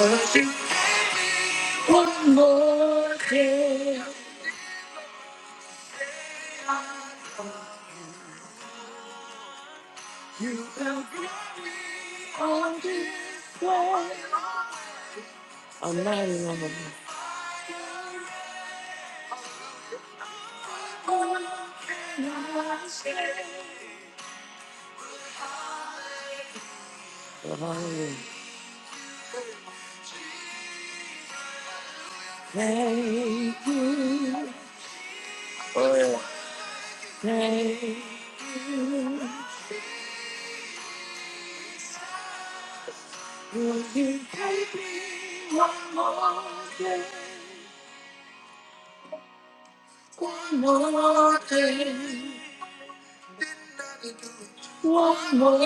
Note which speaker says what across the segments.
Speaker 1: Worship one more day. You will be on this way. I'm not in love with you. What can I say? But hallelujah. Thank you. Thank you. Will you take me one more day? One more day. One more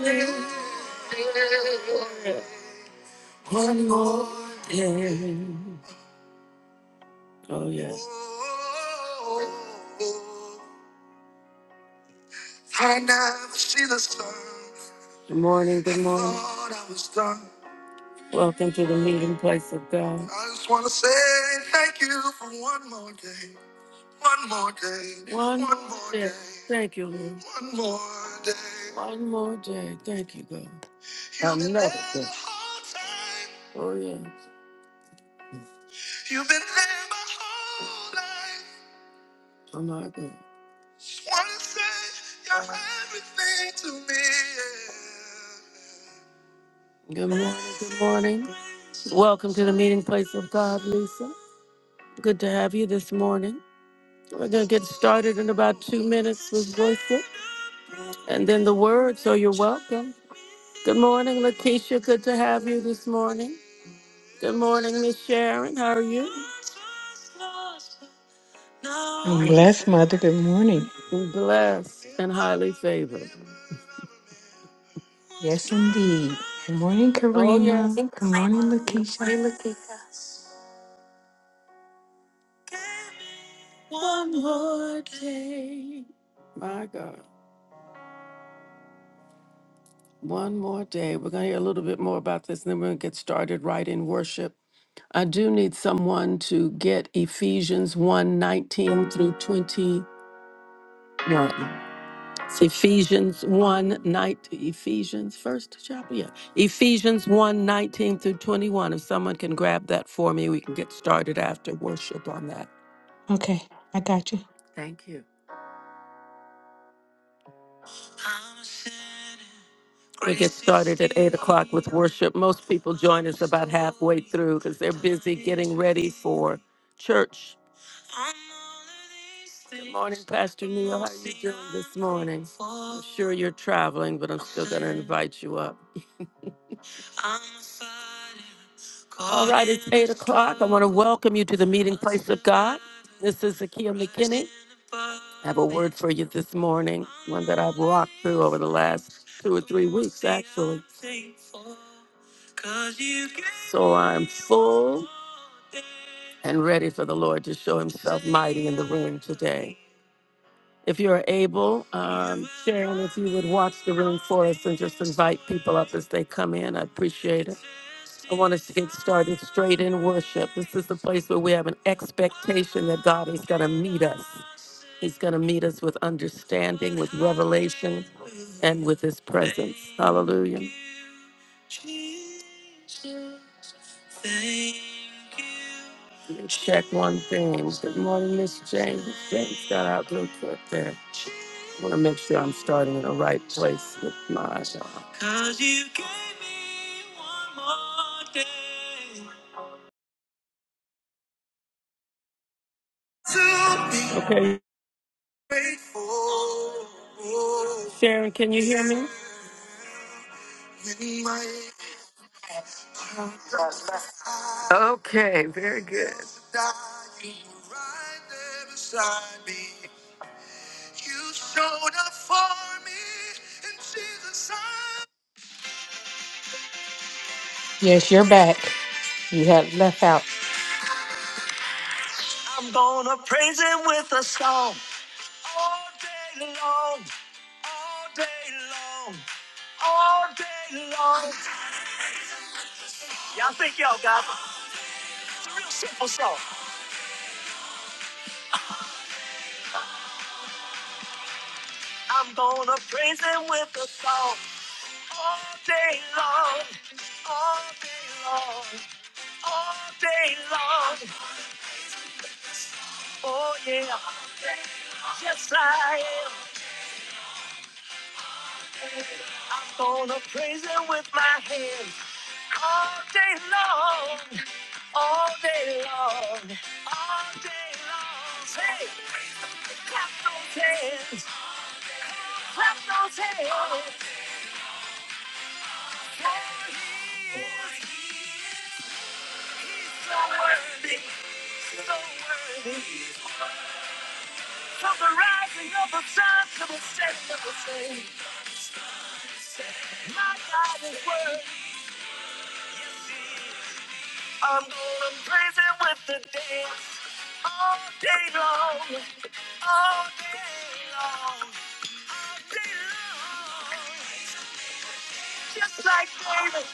Speaker 1: day. One more day. Oh, yes. Good morning. Good morning. Lord, I was done. Welcome to the meeting place of God. I just want to say thank you for one more day. One more day. One, one more day. day. Thank you, Lord. One more day. One more day. Thank you, God. You've been Another day. Oh, yes. Oh, my God. Good morning. Good morning. Welcome to the meeting place of God, Lisa. Good to have you this morning. We're going to get started in about two minutes with worship and then the word, so you're welcome. Good morning, Lakeisha. Good to have you this morning. Good morning, Miss Sharon. How are you?
Speaker 2: I'm blessed, Mother. Good morning.
Speaker 1: Blessed and highly favored.
Speaker 2: Yes, indeed. Good morning,
Speaker 1: Oh, yes.
Speaker 2: Karima. Good morning, Lakeisha.
Speaker 1: One more day. My God. One more day. We're going to hear a little bit more about this, and then we're going to get started right in worship. I do need someone to get Ephesians one 19 through 21. It's Ephesians 1 night Ephesians first chapter. Yeah. Ephesians one 19 through 21. If someone can grab that for me, we can get started after worship on that.
Speaker 2: Okay, I got you.
Speaker 1: Thank you. We get started at 8 o'clock with worship. Most people join us about halfway through because they're busy getting ready for church Good morning, Pastor Neil. How are you doing this morning? I'm sure you're traveling, but I'm still going to invite you up. All right, it's 8 o'clock. I want to welcome you to the meeting place of God. This is Zakia McKinney. I have a word for you this morning, one that I've walked through over the last two or three weeks, actually. So I'm full and ready for the Lord to show himself mighty in the room today. If you're able, um, Sharon, if you would watch the room for us and just invite people up as they come in, I appreciate it. I want us to get started straight in worship. This is the place where we have an expectation that God is going to meet us. He's going to meet us with understanding, with revelation, and with His presence. Hallelujah. Let me Check one thing. Good morning, Miss James. James got out real quick there. I want to make sure I'm starting in the right place with my. Okay, Sharon, can Okay, very good.
Speaker 2: Yes, you're back. You had left out.
Speaker 1: I'm gonna praise him with a song all day long, all day long, all day long. Y'all think y'all got it? It's a real simple song. I'm gonna praise him with a song all day long, all day long, all day long. Oh yeah, yes I am. I'm gonna praise him with my hands all day long, all day long, all day long. Say, clap those hands, clap those hands, for he is, he's so worthy, so worthy. From the rising of the sun to the setting of the sun, my God is worthy. I'm going crazy with the dance all day long, all day long, day long. Just like David,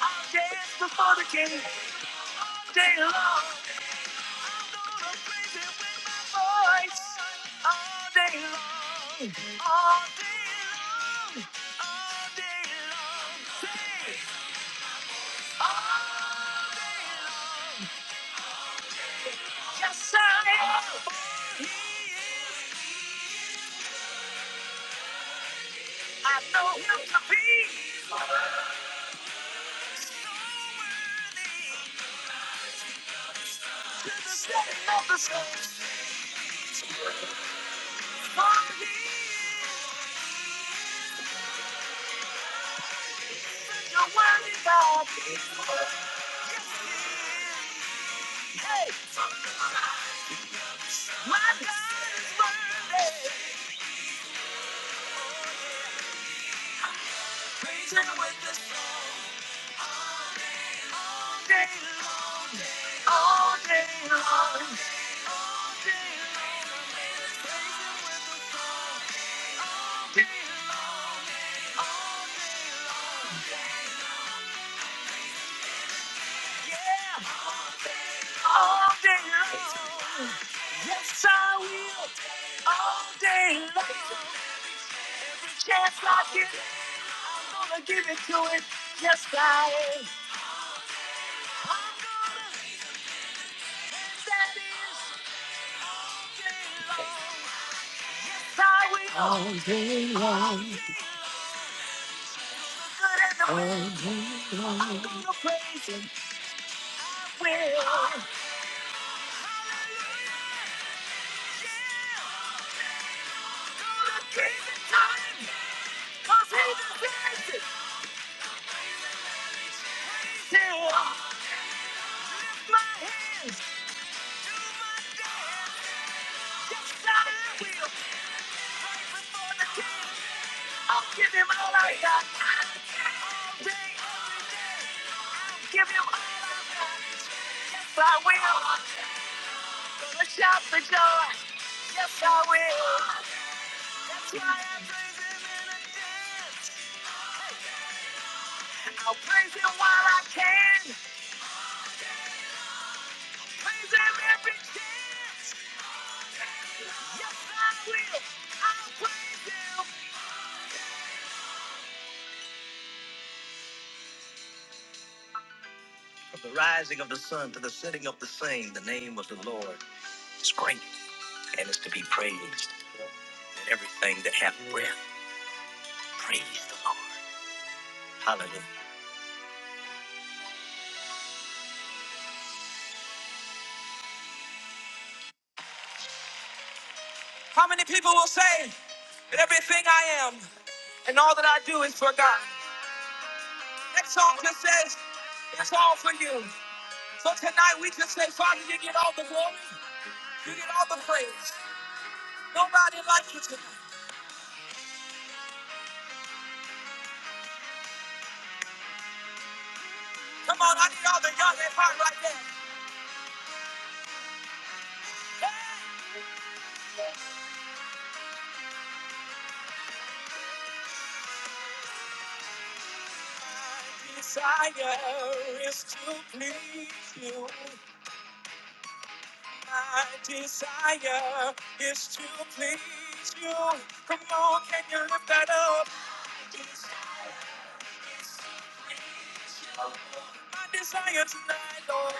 Speaker 1: I'll dance before the king day long. Going crazy with my voice all day long, all day long, all day long. Say all day long. Yes, I am. I know him to be. Setting up the sun, for you. You're worthy, God. He's worthy. Yes, he is. Hey, my God is worthy. Praise him with the song all day long. All day long. All day long. Yes, I will. All day long. Every chance I get, I'm gonna give it to it. Yes, I am. That is day long. Yes, I will. Good and the bad, I'm gonna praise Him. Will. Yeah. Gonna give it to He deserves it. Still, lift my hands. I'll give him all I got. All day, every day. I'll give him all I got. Yes, I will. Gonna shout for joy. Yes, I will. That's why I praise him in a dance. I'll praise him while I can. Praise him every chance. Yes, I will. I'll praise Him. It's great. It's free. How many people will say that everything I am and all that I do is for God? That song just says, it's all for you. So tonight we just say, Father, you get all the glory. You get all the praise. Nobody likes you tonight. Come on, I need all the young and hot right there. Hey! My desire is to please you. My desire is to please you. Come on, can you lift that up? My desire tonight, Lord.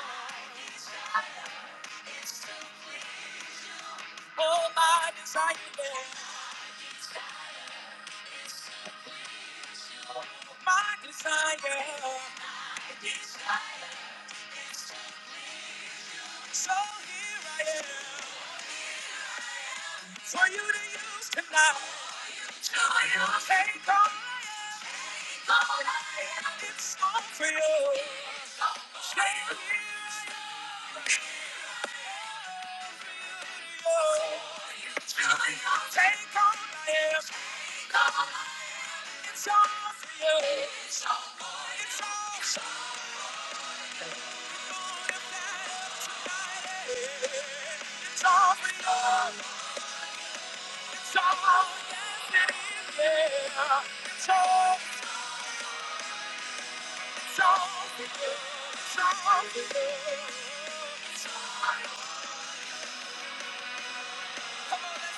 Speaker 1: Oh, my desire, yeah. My desire. My desire. is to please So here I am for you to use tonight. For you Take all I am. All I am. It's all for you. Say here I am. Take all I am. It's all for you. It's all for you. It's all for you. Come Come on, on, let's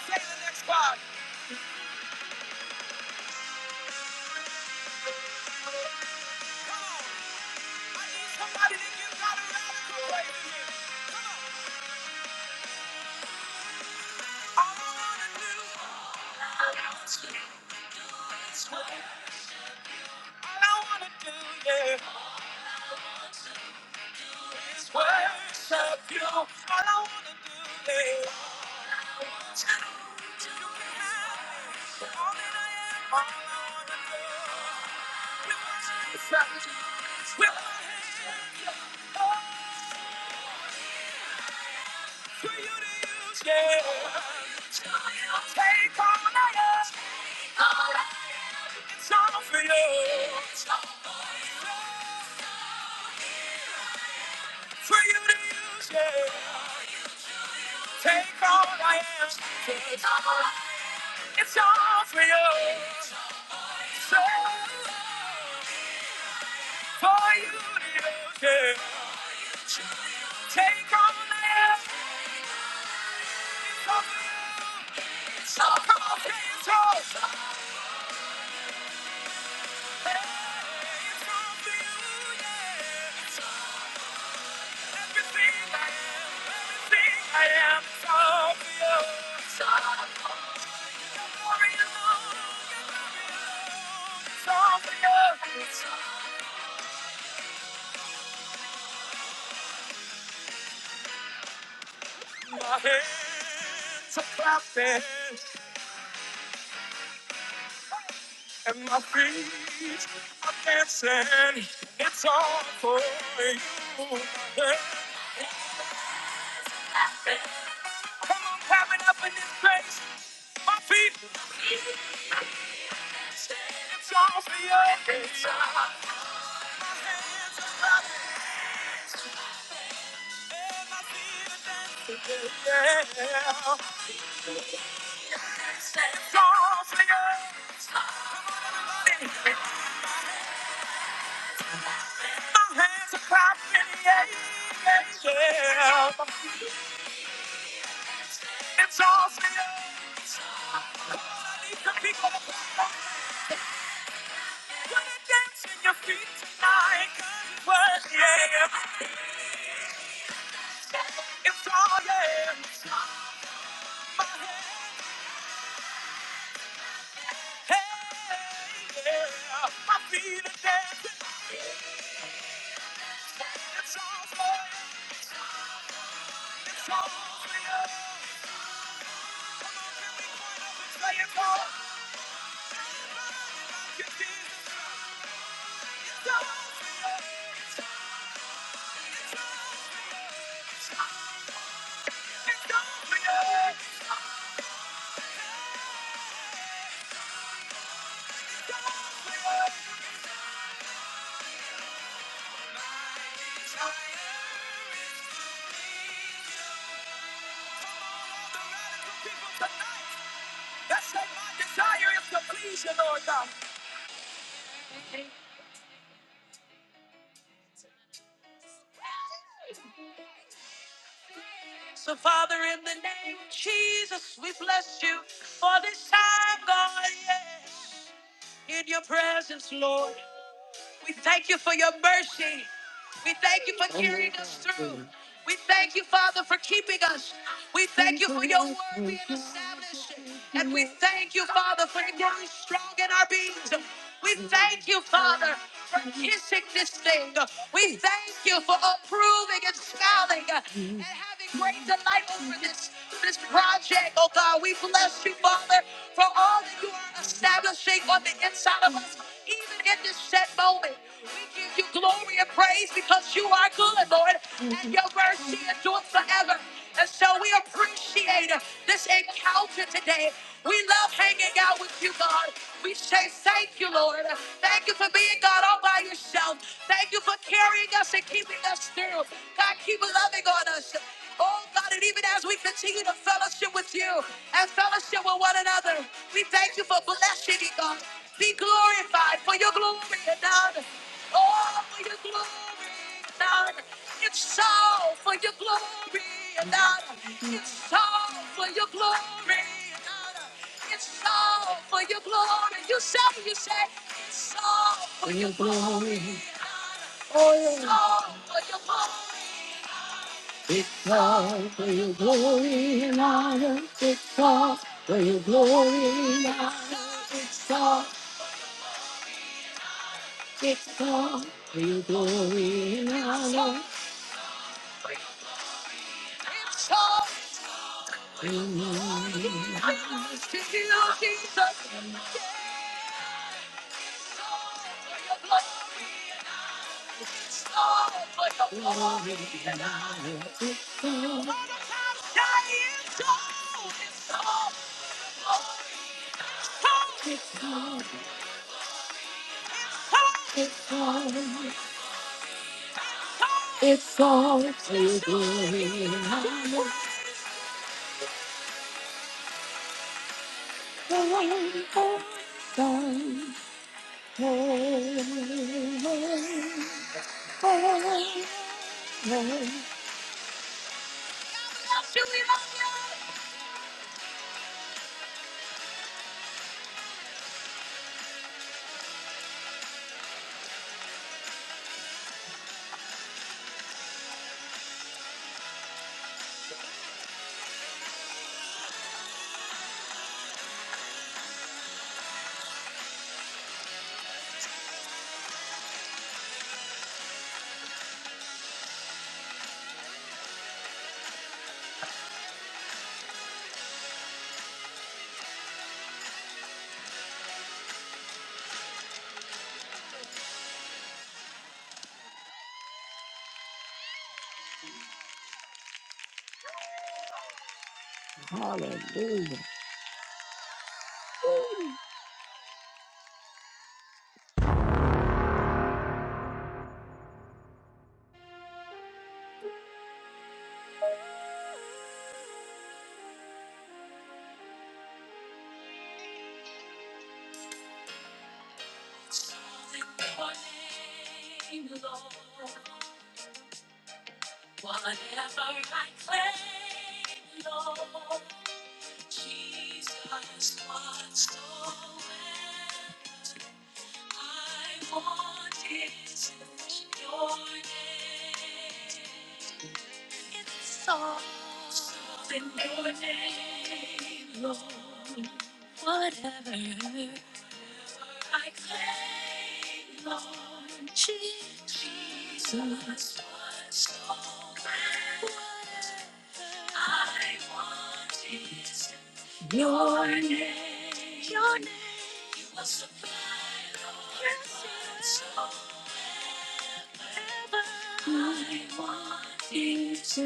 Speaker 1: say the next part. Come on. I need Somebody to give God a radical praise. Come on. All I wanna do, all I want to do is worship. All I wanna do, yeah. Worship you. All I wanna do, is. Take all I am. Take all I am. It's all for you. So for you to do. Take on that. It's all for you. It's all for you. It's all for you. Everything I am, everything I am, it's all for you. It's all for you. Don't worry alone. Don't worry alone. It's all for you. It's all for you. My hands are clapping. and my feet are dancing. It's all for you. Yeah. Come on, clap it up in this place. My feet, it's all for you. It's all for you. Yeah. It's all for you. My hands are clapping, yeah, yeah, yeah. It's all for you. Come on, I need some people. Wanna dance in your feet tonight? Well, yeah. It's all, yeah. My head, hey, yeah. My feet are dancing. It's all for you. It's all for you. Come on, can we point up and say it's all? for you. It's all for you. It's all for you. That's like my desire is to please you, Lord God. So, Father, in the name of Jesus, we bless you for this time, God. Yes. In your presence, Lord, we thank you for your mercy. We thank you for carrying us through. We thank you, Father, for keeping us. We thank you for your word being established. And we thank you, Father, for growing strong in our beings. We thank you, Father, for kissing this thing. We thank you for approving and smiling and having great delight over this, this project, oh God. We bless you, Father, for all that you are establishing on the inside of us, even in this set moment. We give you you glory and praise because you are good, Lord, and your mercy endures forever. And so we appreciate this encounter today. We love hanging out with you, God. We say thank you, Lord. Thank you for being God all by yourself. Thank you for carrying us and keeping us through. God, keep loving on us fellowship. Oh God, and even as we continue to fellowship with you and fellowship with one another, we thank you for blessing you, God. Be glorified for your glory and honor. Oh, for your glory and honor. It's so for your glory and honor. It's so for your glory and honor. It's so for your glory. You say, you say, it's so for your glory. It's so for your glory. Because for your glory and honor, because for your glory and honor, because for your glory and honor, for your glory and honor. Glory and honor, because because, because. It's all to be Hallelujah. I want it in your name. It's all in your name, Lord. Whatever. I claim, Lord Jesus, what's mine. I want is your name. Your name. You will supply, Lord, yes, I want is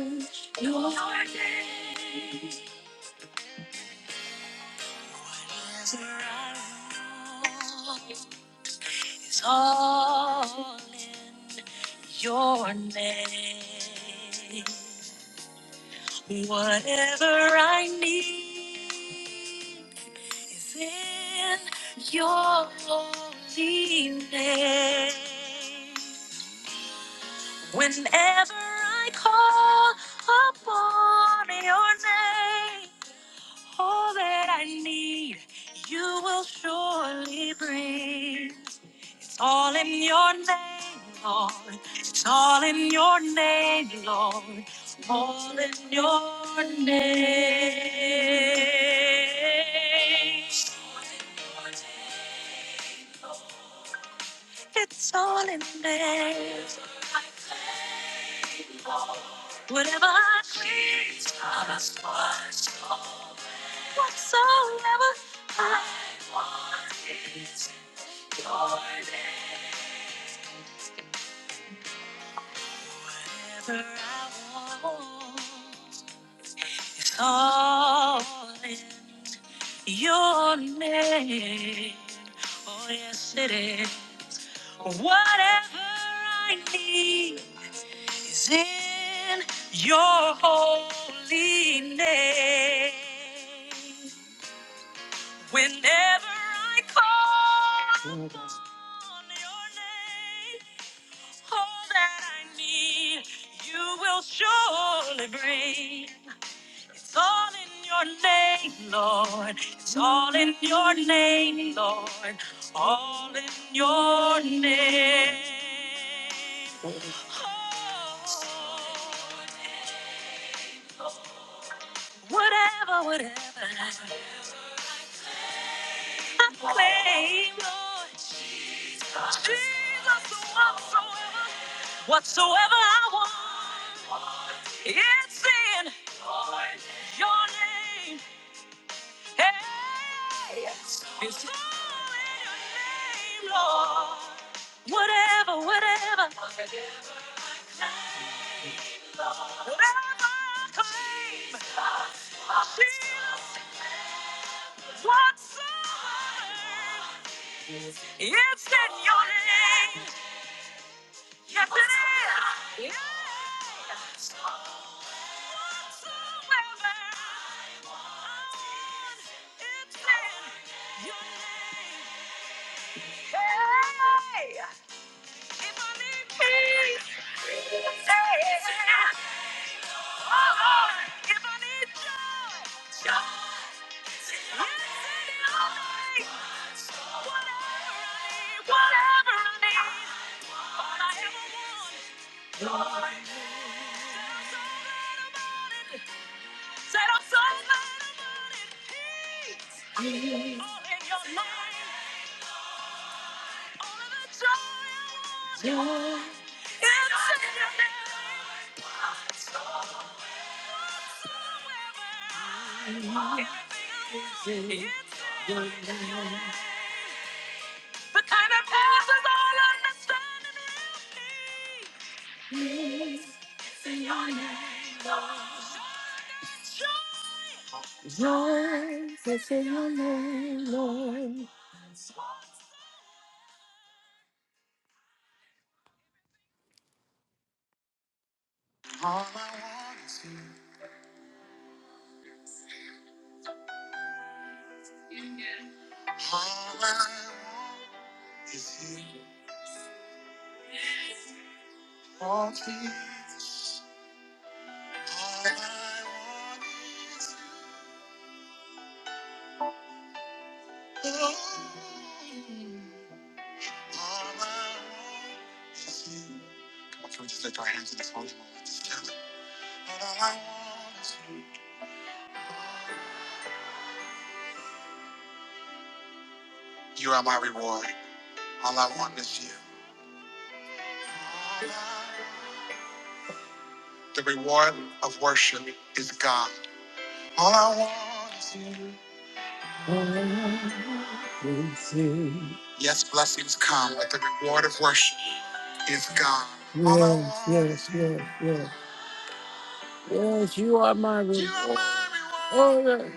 Speaker 1: your name. It's all in your name. Whatever I need is in your holy name. Whenever I call upon your name, all that I need you will surely bring. It's all in your name, Lord. It's all in your name, Lord. It's all in your name. It's all in your name. Whatever I need, whatsoever I Wherever I walk, calling your name. Oh, yes, it is. Whatever I need is in your holy name. Whenever I call upon your name, all that I need, you will surely bring. It's all in your name, Lord. It's all in your name, Lord. All in your name. Oh, name, Lord. Whatever, whatever I claim, Lord Jesus, whatsoever, whatsoever I want, it's in your name. Hey, it's all in your name, Lord. Whatever, whatever, whatever I claim, Jesus, whatsoever. It's in your name. Yes, it is. Yes. Whatsoever I want, it's in your name. Hey. All in your mind, all of the joy I want. Yours is in your name, Lord. All I Yes, yes, yes, yes. Yes, Yes, you are my reward. Oh,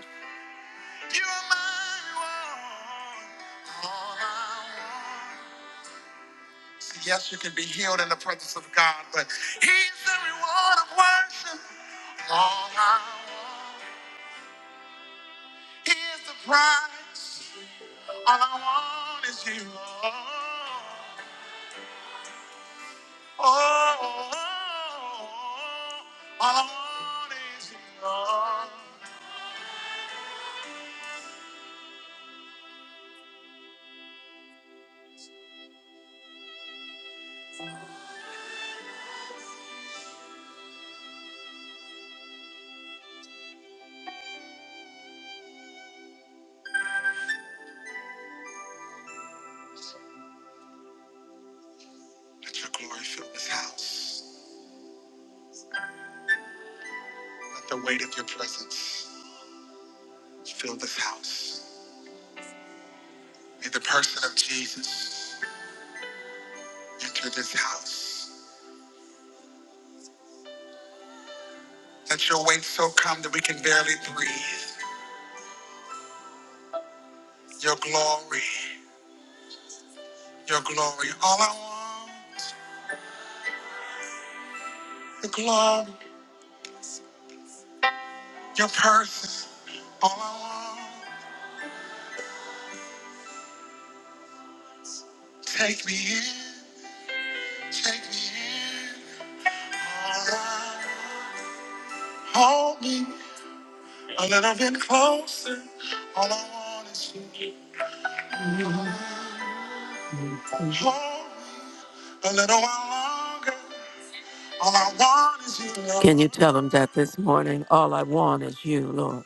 Speaker 1: yes. Can you tell them that this morning? All I want is you, Lord.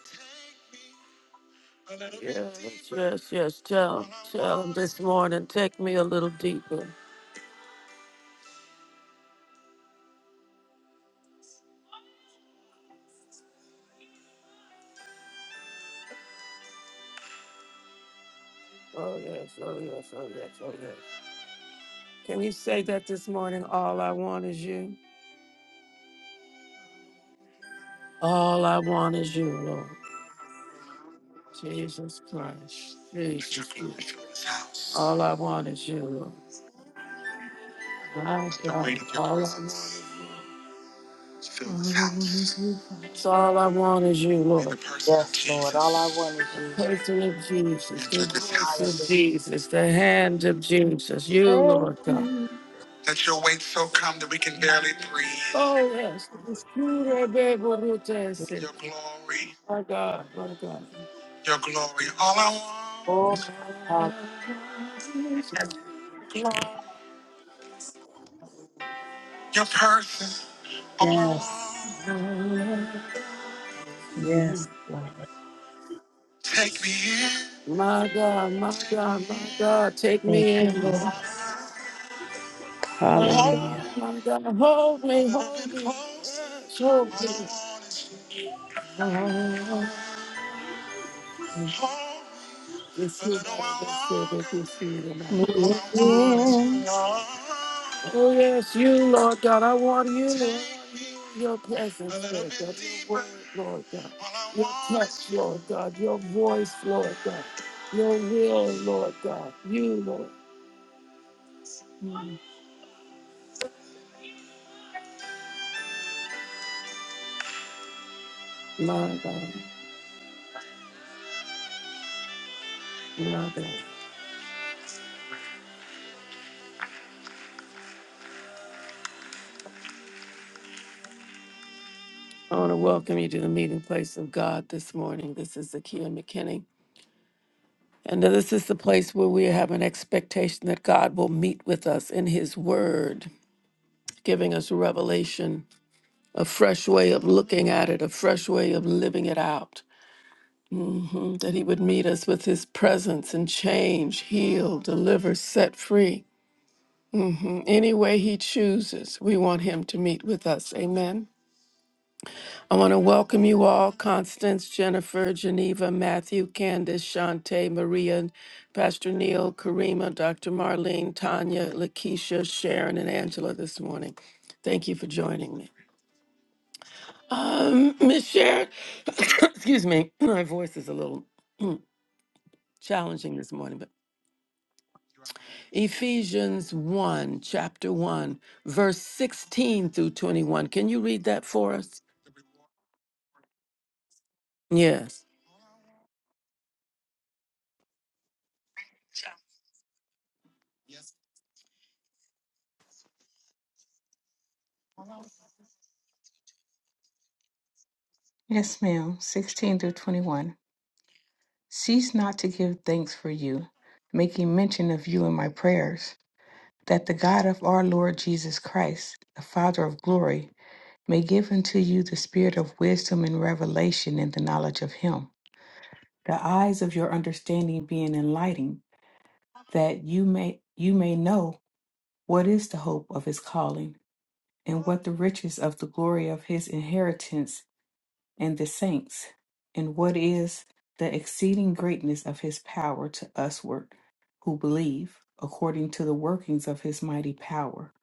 Speaker 1: Yes, yes, yes. Tell, tell him this morning. Take me a little deeper. Oh yes, oh yes, oh yes, oh yes. Can you say that this morning? All I want is you. All I want is you, Lord. Jesus Christ. Jesus Christ. All I want is you, Lord. My God. All I want is you.
Speaker 2: All I want is you, Father.
Speaker 1: It's all I want is you, Lord. The person of
Speaker 3: Yes, Lord. All I
Speaker 1: Jesus.
Speaker 3: want is you.
Speaker 1: The person of Jesus. The voice of Jesus. The hand of Jesus.
Speaker 3: Hallelujah.
Speaker 1: You,
Speaker 3: Thank
Speaker 1: Lord God.
Speaker 3: you.
Speaker 1: Oh, yes. It's true that they will do this. My God, my God.
Speaker 3: Oh, God.
Speaker 1: My
Speaker 3: Yes. Yes. Hallelujah.
Speaker 1: God, my God, my God, take me
Speaker 3: Thank you,
Speaker 1: in, Lord.
Speaker 3: Jesus.
Speaker 1: My God,
Speaker 3: Hallelujah.
Speaker 1: my God, hold me, hold me, yes, hold me. Ah, Receive, Lord, receive it, receive it,
Speaker 3: Amen.
Speaker 1: Oh, yes, you, Lord God. I want you, Lord. Your presence, Lord God. Your word, Lord God. Your touch, Lord God. Your voice, Lord God. Your will, Lord God. You, Lord. Mm. My God. My God. I want to welcome you to the meeting place of God this morning. This is Zakia McKinney. And this is the place where we have an expectation that God will meet with us in His Word, giving us revelation a fresh way of looking at it, a fresh way of living it out. Mm, That He would meet us with His presence and change, heal, deliver, set free. Mm, Any way He chooses, we want Him to meet with us. Amen. I want to welcome you all Constance, Jennifer, Geneva, Matthew, Candace, Shante, Maria, Pastor Neil, Karima, Dr. Marlene, Tanya, Lakeisha, Sharon, and Angela this morning. Thank you for joining me. Um, Miss Sharon, excuse me, my voice is a little challenging this morning, but Ephesians 1, chapter 1, verse 16 through 21. Can you read that for us? Yes,
Speaker 2: Yes, ma'am. 16 through 21. Cease not to give thanks for you, making mention of you in my prayers, that the God of our Lord Jesus Christ, the Father of glory, may give unto you the spirit of wisdom and revelation in the knowledge of him. the eyes of your understanding being enlightened, that you may you may know what is the hope of his calling, and what the riches of the glory of his inheritance in the saints, and what is the exceeding greatness of his power to usward who believe, according to the workings of his mighty power,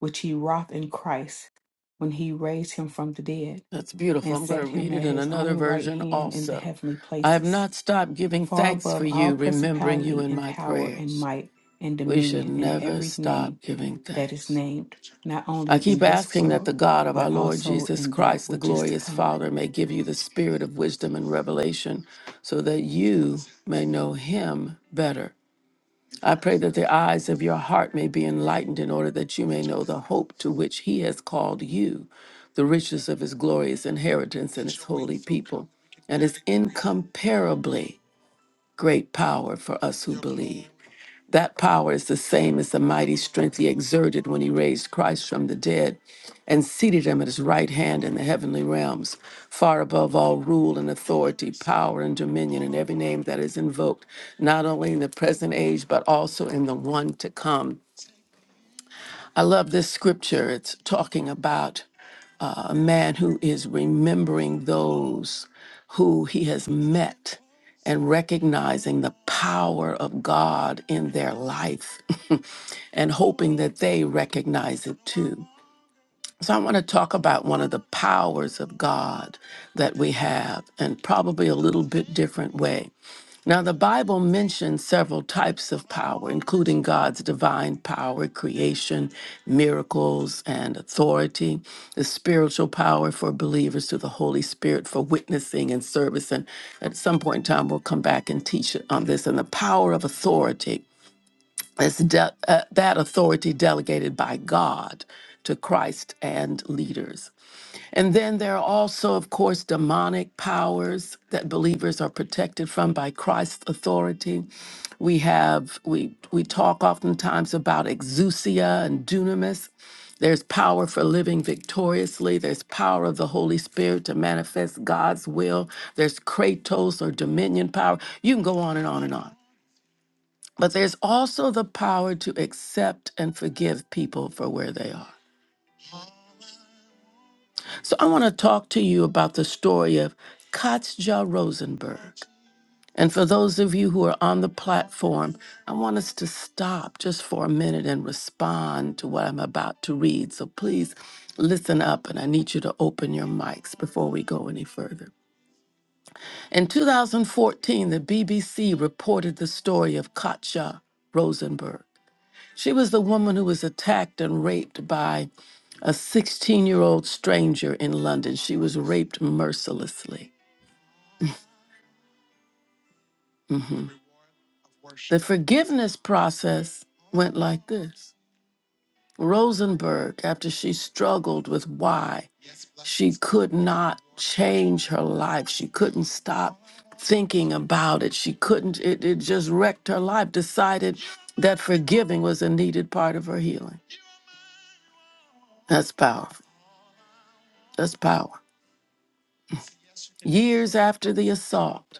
Speaker 2: which he wrought in Christ when he raised him from the dead
Speaker 1: that's beautiful.
Speaker 2: and
Speaker 1: I'm going to
Speaker 2: set him
Speaker 1: read
Speaker 2: at
Speaker 1: it in
Speaker 2: his
Speaker 1: another
Speaker 2: own right
Speaker 1: version
Speaker 2: hand in the
Speaker 1: also.
Speaker 2: heavenly
Speaker 1: I have
Speaker 2: places
Speaker 1: not stopped giving
Speaker 2: far
Speaker 1: thanks for
Speaker 2: above all
Speaker 1: you, remembering you
Speaker 2: principality
Speaker 1: in
Speaker 2: and
Speaker 1: my
Speaker 2: power and
Speaker 1: prayers.
Speaker 2: might and
Speaker 1: We should
Speaker 2: dominion and
Speaker 1: never
Speaker 2: every
Speaker 1: stop
Speaker 2: name
Speaker 1: giving
Speaker 2: that is
Speaker 1: thanks.
Speaker 2: named, not only
Speaker 1: I
Speaker 2: in
Speaker 1: keep
Speaker 2: this
Speaker 1: asking that the
Speaker 2: world,
Speaker 1: God of our
Speaker 2: but
Speaker 1: Lord
Speaker 2: also
Speaker 1: Jesus
Speaker 2: in that
Speaker 1: Christ, the
Speaker 2: which is to
Speaker 1: glorious
Speaker 2: come.
Speaker 1: Father, may give you the spirit of wisdom and revelation so that you may know him better. I pray that the eyes of your heart may be enlightened in order that you may know the hope to which he has called you, the riches of his glorious inheritance in his holy people, and his incomparably great power for us who believe. That power is the same as the mighty strength he exerted when he raised Christ from the dead and seated him at his right hand in the heavenly realms, far above all rule and authority, power and dominion, and every name that is invoked, not only in the present age, but also in the one to come. I love this scripture. It's talking about a man who is remembering those who he has met and recognizing the power of God in their life and hoping that they recognize it too. So, I want to talk about one of the powers of God that we have, and probably a little bit different way. Now, the Bible mentions several types of power, including God's divine power, creation, miracles, and authority, the spiritual power for believers through the Holy Spirit for witnessing and service. And at some point in time, we'll come back and teach on this, and the power of authority. is de- uh, that authority delegated by God to Christ and leaders. And then there are also, of course, demonic powers that believers are protected from by Christ's authority. We have we we talk oftentimes about exousia and dunamis. There's power for living victoriously. There's power of the Holy Spirit to manifest God's will. There's kratos or dominion power. You can go on and on and on. But there's also the power to accept and forgive people for where they are. So I want to talk to you about the story of Katja Rosenberg. And for those of you who are on the platform, I want us to stop just for a minute and respond to what I'm about to read. So please listen up, and I need you to open your mics before we go any further. In 2014, the BBC reported the story of Katja Rosenberg. She was the woman who was attacked and raped by a 16 year old stranger in London. She was raped mercilessly. Mhm. The forgiveness process went like this Rosenberg, after she struggled with why she could not change her life, she couldn't stop thinking about it, she couldn't, it, it just wrecked her life, decided that forgiving was a needed part of her healing. That's powerful. That's power. Years after the assault,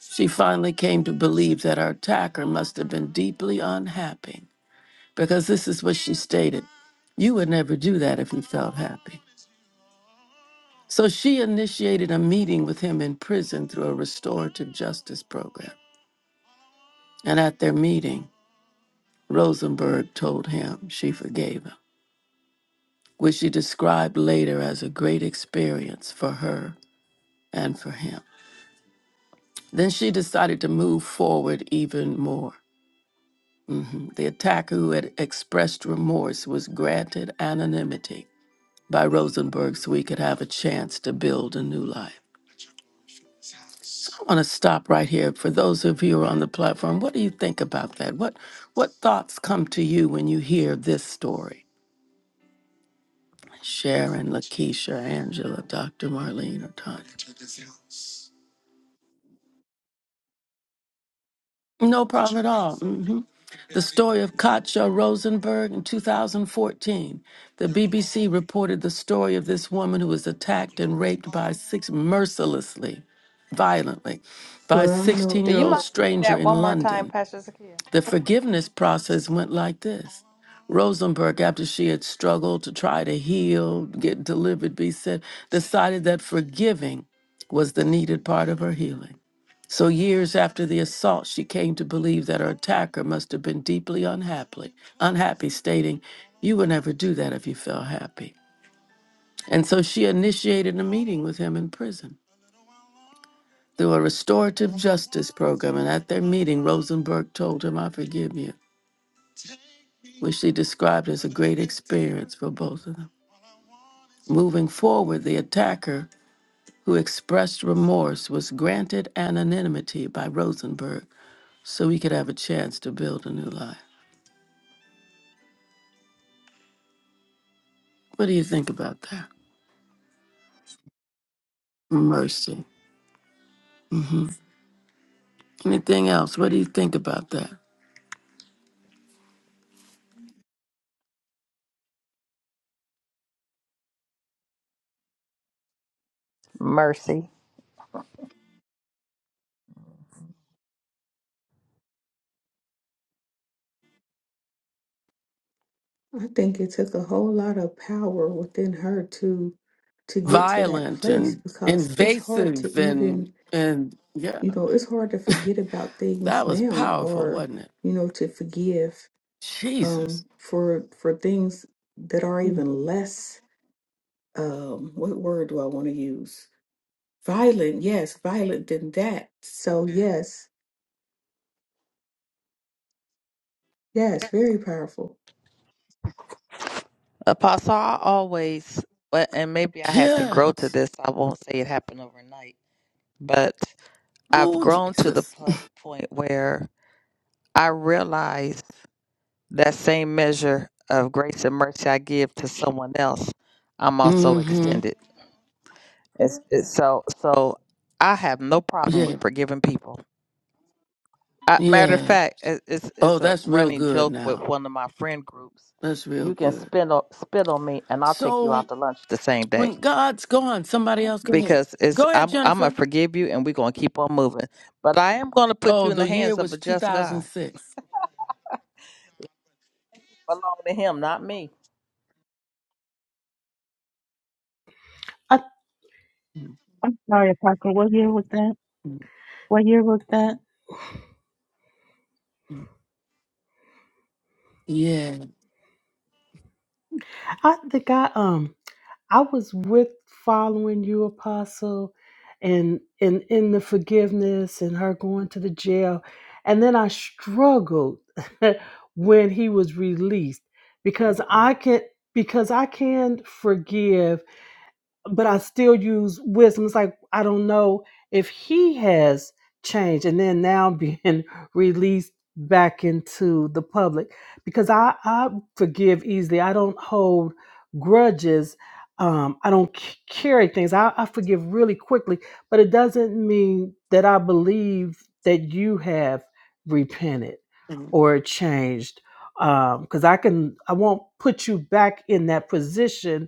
Speaker 1: she finally came to believe that her attacker must have been deeply unhappy because this is what she stated You would never do that if you felt happy. So she initiated a meeting with him in prison through a restorative justice program. And at their meeting, Rosenberg told him she forgave him, which she described later as a great experience for her and for him. Then she decided to move forward even more. The attacker who had expressed remorse was granted anonymity by Rosenberg so he could have a chance to build a new life. I want to stop right here. For those of you who are on the platform, what do you think about that? What what thoughts come to you when you hear this story? Sharon, Lakeisha, Angela, Dr. Marlene, or Tanya. No problem at all. hmm The story of Katja Rosenberg in 2014. The BBC reported the story of this woman who was attacked and raped by six mercilessly, violently, by a
Speaker 2: Well, I
Speaker 1: 16
Speaker 2: know
Speaker 3: Do
Speaker 1: year
Speaker 3: you
Speaker 1: old
Speaker 3: mind reading
Speaker 1: stranger
Speaker 3: that one
Speaker 1: in
Speaker 3: more time,
Speaker 1: London.
Speaker 3: Pastor Zakia?
Speaker 1: The forgiveness process went like this. Rosenberg, after she had struggled to try to heal, get delivered, be said, decided that forgiving was the needed part of her healing. So, years after the assault, she came to believe that her attacker must have been deeply unhappy, unhappy, stating, You would never do that if you felt happy. And so she initiated a meeting with him in prison through a restorative justice program. And at their meeting, Rosenberg told him, I forgive you, which she described as a great experience for both of them. Moving forward, the attacker, who expressed remorse, was granted anonymity by Rosenberg so he could have a chance to build a new life. What do you think about that? Mercy. Anything else? What do you think about that?
Speaker 3: Mercy.
Speaker 2: I think it took a whole lot of power within her to to get to that
Speaker 1: Violent
Speaker 2: place
Speaker 1: and
Speaker 2: because it's hard to
Speaker 1: invasive and
Speaker 2: even,
Speaker 1: and yeah,
Speaker 2: you know, it's hard to forget about things
Speaker 1: that was
Speaker 2: now
Speaker 1: powerful,
Speaker 2: or,
Speaker 1: wasn't it?
Speaker 2: you know, to forgive um
Speaker 1: Jesus.
Speaker 2: for for things that are even less um what word do I want to use? Violent, yes, violent than that. So yes, yes, very powerful.
Speaker 3: Apostle, I always, but and maybe I had to grow to
Speaker 1: Yes.
Speaker 3: this. I won't say it happened overnight, but I've
Speaker 1: Oh,
Speaker 3: grown to the
Speaker 1: Jesus.
Speaker 3: po- point where I realize. That same measure of grace and mercy I give to someone else, I'm also
Speaker 1: Mm-hmm.
Speaker 3: extended. It's, it's so so I have no problem
Speaker 1: Yeah.
Speaker 3: with forgiving people. I, matter of
Speaker 1: Yeah.
Speaker 3: fact, it, it's
Speaker 1: Oh,
Speaker 3: it's a
Speaker 1: that's real
Speaker 3: running
Speaker 1: good
Speaker 3: joke with
Speaker 1: now.
Speaker 3: one of my friend groups.
Speaker 1: That's real
Speaker 3: You can
Speaker 1: good.
Speaker 3: spit on spit on me, and I'll take you
Speaker 1: So
Speaker 3: out to lunch the same day
Speaker 1: when God's gone, somebody else go ahead.
Speaker 3: because it's
Speaker 1: Go ahead,
Speaker 3: I'm I'm gonna
Speaker 1: Jennifer.
Speaker 3: forgive you, and we're gonna keep on moving. But I am gonna put
Speaker 1: Oh,
Speaker 3: you in
Speaker 1: the
Speaker 3: the
Speaker 1: year
Speaker 3: hands of a
Speaker 1: was
Speaker 3: just God.
Speaker 1: 2006.
Speaker 3: Belong to Him, not me.
Speaker 4: I,
Speaker 5: I'm sorry, Apostle. What year was that? What year was that?
Speaker 1: Yeah.
Speaker 4: I think I um I was with following you, Apostle, and and in the forgiveness and her going to the jail, and then I struggled when he was released because I can because I can forgive but I still use wisdom. It's like I don't know if he has changed and then now being released back into the public because I, I forgive easily. I don't hold grudges. Um, I don't c- carry things. I, I forgive really quickly, but it doesn't mean that I believe that you have repented
Speaker 1: Mm-hmm.
Speaker 4: or changed. Because I can, I won't put you back in that position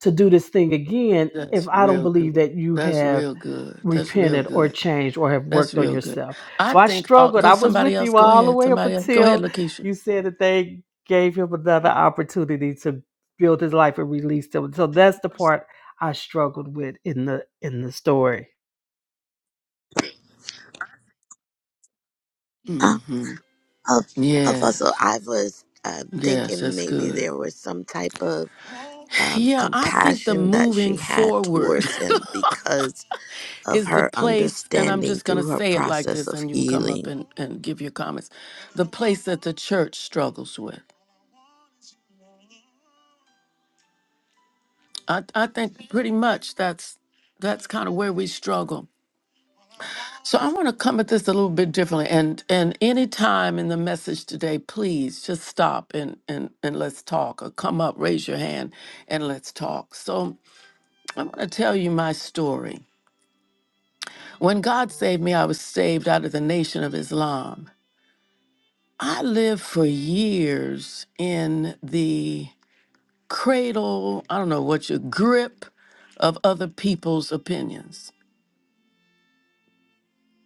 Speaker 4: to do this thing again if
Speaker 1: That's
Speaker 4: I don't
Speaker 1: real
Speaker 4: believe
Speaker 1: good.
Speaker 4: that you
Speaker 1: That's
Speaker 4: have
Speaker 1: real good. That's real
Speaker 4: repented or
Speaker 1: good.
Speaker 4: changed or have
Speaker 1: That's
Speaker 4: worked on
Speaker 1: real good.
Speaker 4: yourself.
Speaker 1: I
Speaker 4: So I
Speaker 1: think I'll
Speaker 4: struggled.
Speaker 1: go
Speaker 4: I was
Speaker 1: somebody
Speaker 4: with
Speaker 1: else.
Speaker 4: you
Speaker 1: Go
Speaker 4: all the
Speaker 1: ahead.
Speaker 4: way up
Speaker 1: Somebody else. Go ahead,
Speaker 4: until
Speaker 1: Lakeisha.
Speaker 4: you said that they gave him another opportunity to build his life and release him. So that's the part I struggled with in the in the story.
Speaker 6: Uh,
Speaker 1: hmm
Speaker 6: uh, Apostle,
Speaker 1: Yes.
Speaker 6: I was uh,
Speaker 1: Yes,
Speaker 6: thinking
Speaker 1: that's
Speaker 6: maybe
Speaker 1: good.
Speaker 6: there was some type of um,
Speaker 1: Yeah, I think the
Speaker 6: compassion that she
Speaker 1: moving
Speaker 6: had
Speaker 1: forward
Speaker 6: towards him because of
Speaker 1: is the
Speaker 6: her
Speaker 1: place, and I'm
Speaker 6: understanding
Speaker 1: just going to
Speaker 6: through her
Speaker 1: say it like
Speaker 6: process
Speaker 1: this,
Speaker 6: of
Speaker 1: and you can come up
Speaker 6: healing.
Speaker 1: and, and give your comments. The place that the church struggles with. I, I think pretty much that's that's kind of where we struggle So I want to come at this a little bit differently. And and any time in the message today, please just stop and and and let's talk. Or come up, raise your hand, and let's talk. So I'm going to tell you my story. When God saved me, I was saved out of the nation of Islam. I lived for years in the cradle. I don't know what your grip of other people's opinions.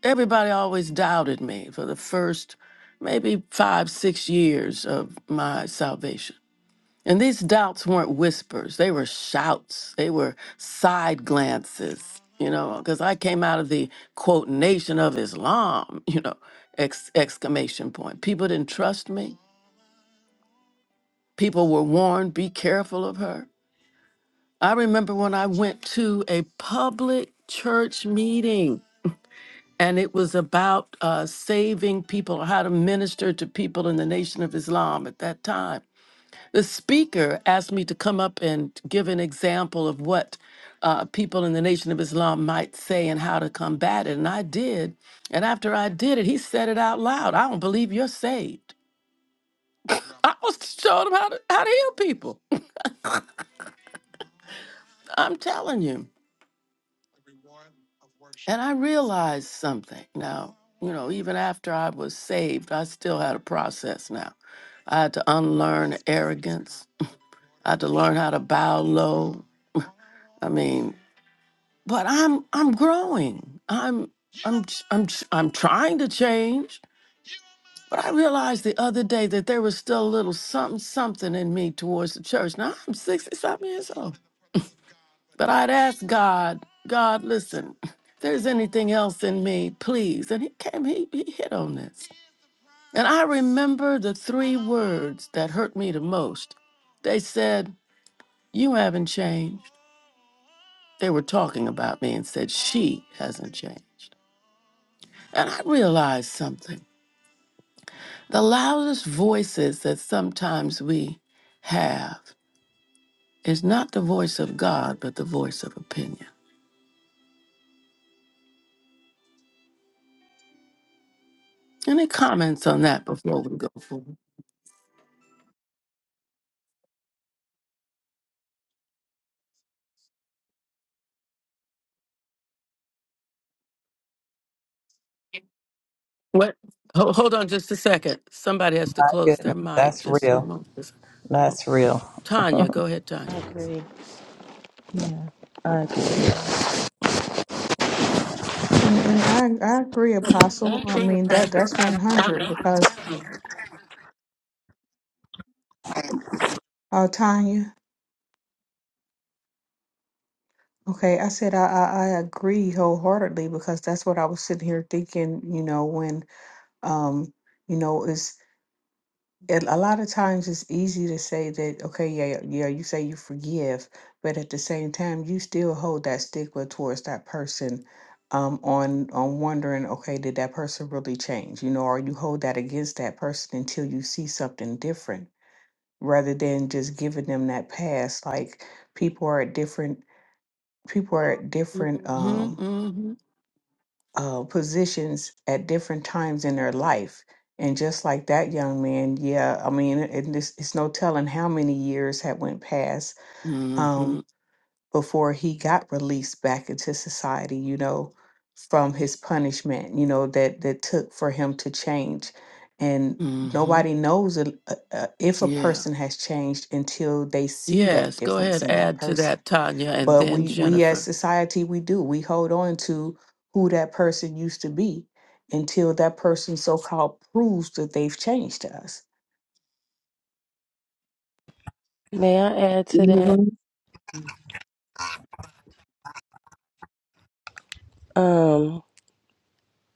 Speaker 1: everybody always doubted me for the first maybe five, six years of my salvation. And these doubts weren't whispers, they were shouts, they were side glances, you know, because I came out of the quote, nation of Islam, you know, ex- exclamation point. People didn't trust me. People were warned, be careful of her. I remember when I went to a public church meeting and it was about uh, saving people, how to minister to people in the Nation of Islam at that time. The speaker asked me to come up and give an example of what uh, people in the Nation of Islam might say and how to combat it. And I did. And after I did it, he said it out loud I don't believe you're saved. I was showing him how to, how to heal people. I'm telling you. And I realized something now, you know, even after I was saved, I still had a process now. I had to unlearn arrogance. I had to learn how to bow low. I mean, but I'm I'm growing. I'm I'm ch- I'm ch- I'm trying to change. But I realized the other day that there was still a little something something in me towards the church. Now I'm 60 something years old. But I'd ask God, God, listen, if there's anything else in me, please. And he came, he, he hit on this. And I remember the three words that hurt me the most. They said, You haven't changed. They were talking about me and said, She hasn't changed. And I realized something. The loudest voices that sometimes we have is not the voice of God, but the voice of opinion. Any comments on that before we go forward? What? Ho- Hold on just a second. Somebody has to
Speaker 3: My
Speaker 1: close
Speaker 3: goodness,
Speaker 1: their mic
Speaker 3: that's
Speaker 1: just for a
Speaker 3: real.
Speaker 1: moment. I don't-
Speaker 3: That's real.
Speaker 1: Tanya, go ahead,
Speaker 7: I
Speaker 1: Tanya.
Speaker 7: agree. Yeah, I agree.
Speaker 2: And and I I agree, Apostle. I mean that that's one hundred because uh Tanya, okay, I said I, I I agree wholeheartedly because that's what I was sitting here thinking, you know, when um you know and a lot of times it's easy to say that okay yeah yeah you say you forgive but at the same time you still hold that stigma towards that person um on on wondering okay did that person really change you know or you hold that against that person until you see something different rather than just giving them that pass like people are at different people are at different
Speaker 1: Mm-hmm,
Speaker 2: um
Speaker 1: mm-hmm,
Speaker 2: uh, positions at different times in their life. And just like that young man, yeah, I mean, it, it's, it's no telling how many years had went past
Speaker 1: mm-hmm,
Speaker 2: um, before he got released back into society. You know, from his punishment. You know that that took for him to change, and
Speaker 1: mm-hmm.
Speaker 2: nobody knows uh, uh, if a
Speaker 1: Yeah.
Speaker 2: person has changed until they see that
Speaker 1: Yes, go
Speaker 2: difference
Speaker 1: ahead,
Speaker 2: in that
Speaker 1: add to
Speaker 2: person
Speaker 1: that, Tanya, and
Speaker 2: but
Speaker 1: then
Speaker 2: we we as
Speaker 1: Jennifer.
Speaker 2: society we do we hold on to who that person used to be until that person so-called proves that they've changed us
Speaker 7: May I add to that?
Speaker 5: Can
Speaker 7: Um,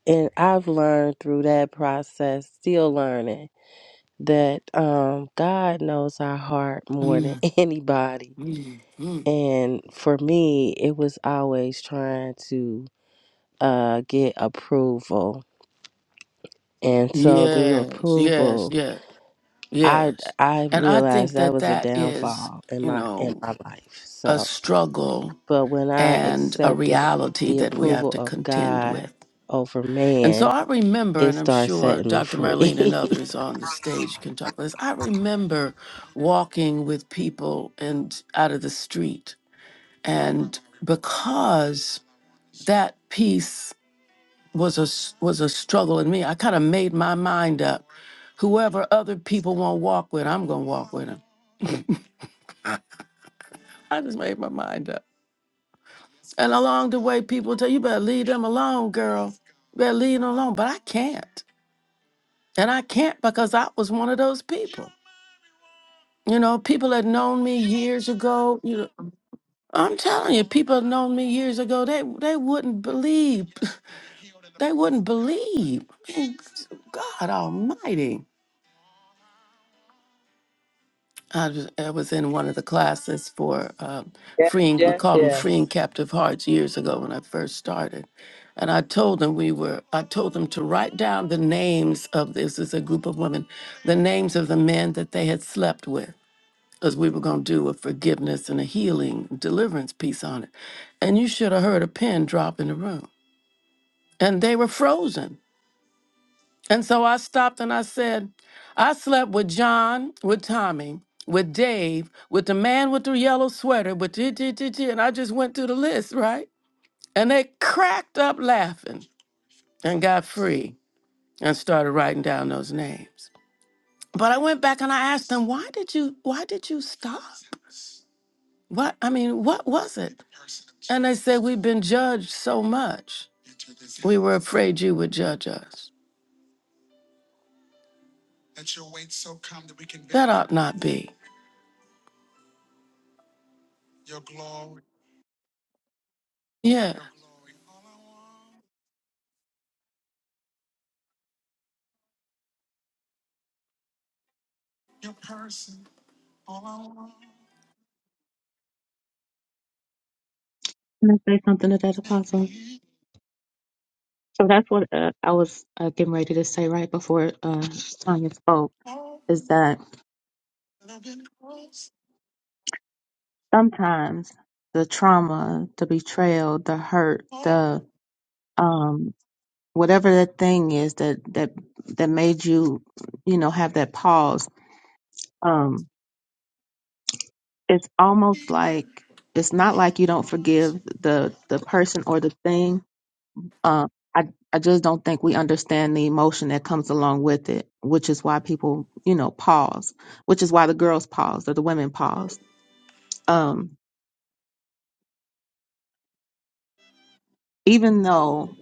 Speaker 7: and I've learned through that process, still learning, that um, God knows our heart more than
Speaker 1: Mm-hmm.
Speaker 7: anybody. And for me, it was always trying to uh, get approval. And so through the
Speaker 1: Yes, yes,
Speaker 7: approval,
Speaker 1: yes,
Speaker 7: I
Speaker 1: yes.
Speaker 7: I
Speaker 1: And I
Speaker 7: realized
Speaker 1: think
Speaker 7: that
Speaker 1: that
Speaker 7: was a
Speaker 1: that is,
Speaker 7: downfall in
Speaker 1: you
Speaker 7: my in
Speaker 1: know,
Speaker 7: my life.
Speaker 1: a
Speaker 7: So
Speaker 1: struggle
Speaker 7: But when I
Speaker 1: and a
Speaker 7: accepted
Speaker 1: reality
Speaker 7: the
Speaker 1: that we have
Speaker 7: approval
Speaker 1: to
Speaker 7: of
Speaker 1: contend
Speaker 7: God
Speaker 1: with.
Speaker 7: over
Speaker 1: And so
Speaker 7: man,
Speaker 1: I remember,
Speaker 7: it
Speaker 1: and I'm
Speaker 7: starts
Speaker 1: sure
Speaker 7: setting me
Speaker 1: Dr.
Speaker 7: free.
Speaker 1: Marlene and others on the stage can talk about this. I remember walking with people and out of the street, and because that piece was a s- was a struggle in me, I kind of made my mind up. Whoever other people won't walk with, I'm gonna walk with them. I just made my mind up. And along the way, people tell you "You better leave them alone, girl. You better leave them alone. But I can't, and I can't because I was one of those people. You know, people that known me years ago, you know, I'm telling you, people that known me years ago, they they wouldn't believe. They wouldn't believe. I mean, God almighty. I was, I was in one of the classes for uh,
Speaker 3: Yes,
Speaker 1: freeing, we
Speaker 3: yes,
Speaker 1: called them freeing
Speaker 3: yes.
Speaker 1: captive hearts years ago when I first started. And I told them we were, I told them to write down the names of this is a group of women, the names of the men that they had slept with. because we were going to do a forgiveness and a healing deliverance piece on it. And you should have heard a pin drop in the room. And they were frozen. And so I stopped and I said, I slept with John, with Tommy, with Dave, with the man with the yellow sweater, with t- t- t- t," and I just went through the list, right? And they cracked up laughing and got free and started writing down those names. But I went back and I asked them, why did you why did you stop? What I mean, what was it? And they said we've been judged so much. We were afraid you would judge us. That ought not be. Yeah.
Speaker 5: I say something to that, Apostle? So that's what uh, I was uh, getting ready to say right before uh, Tanya spoke is that sometimes the trauma, the betrayal, the hurt, the um, whatever that thing is that that that made you, you know, have that pause. Um, it's almost like it's not like you don't forgive the the person or the thing, Uh, I I just don't think we understand the emotion that comes along with it, which is why people, you know, pause, which is why the girls pause or the women pause. Um, even though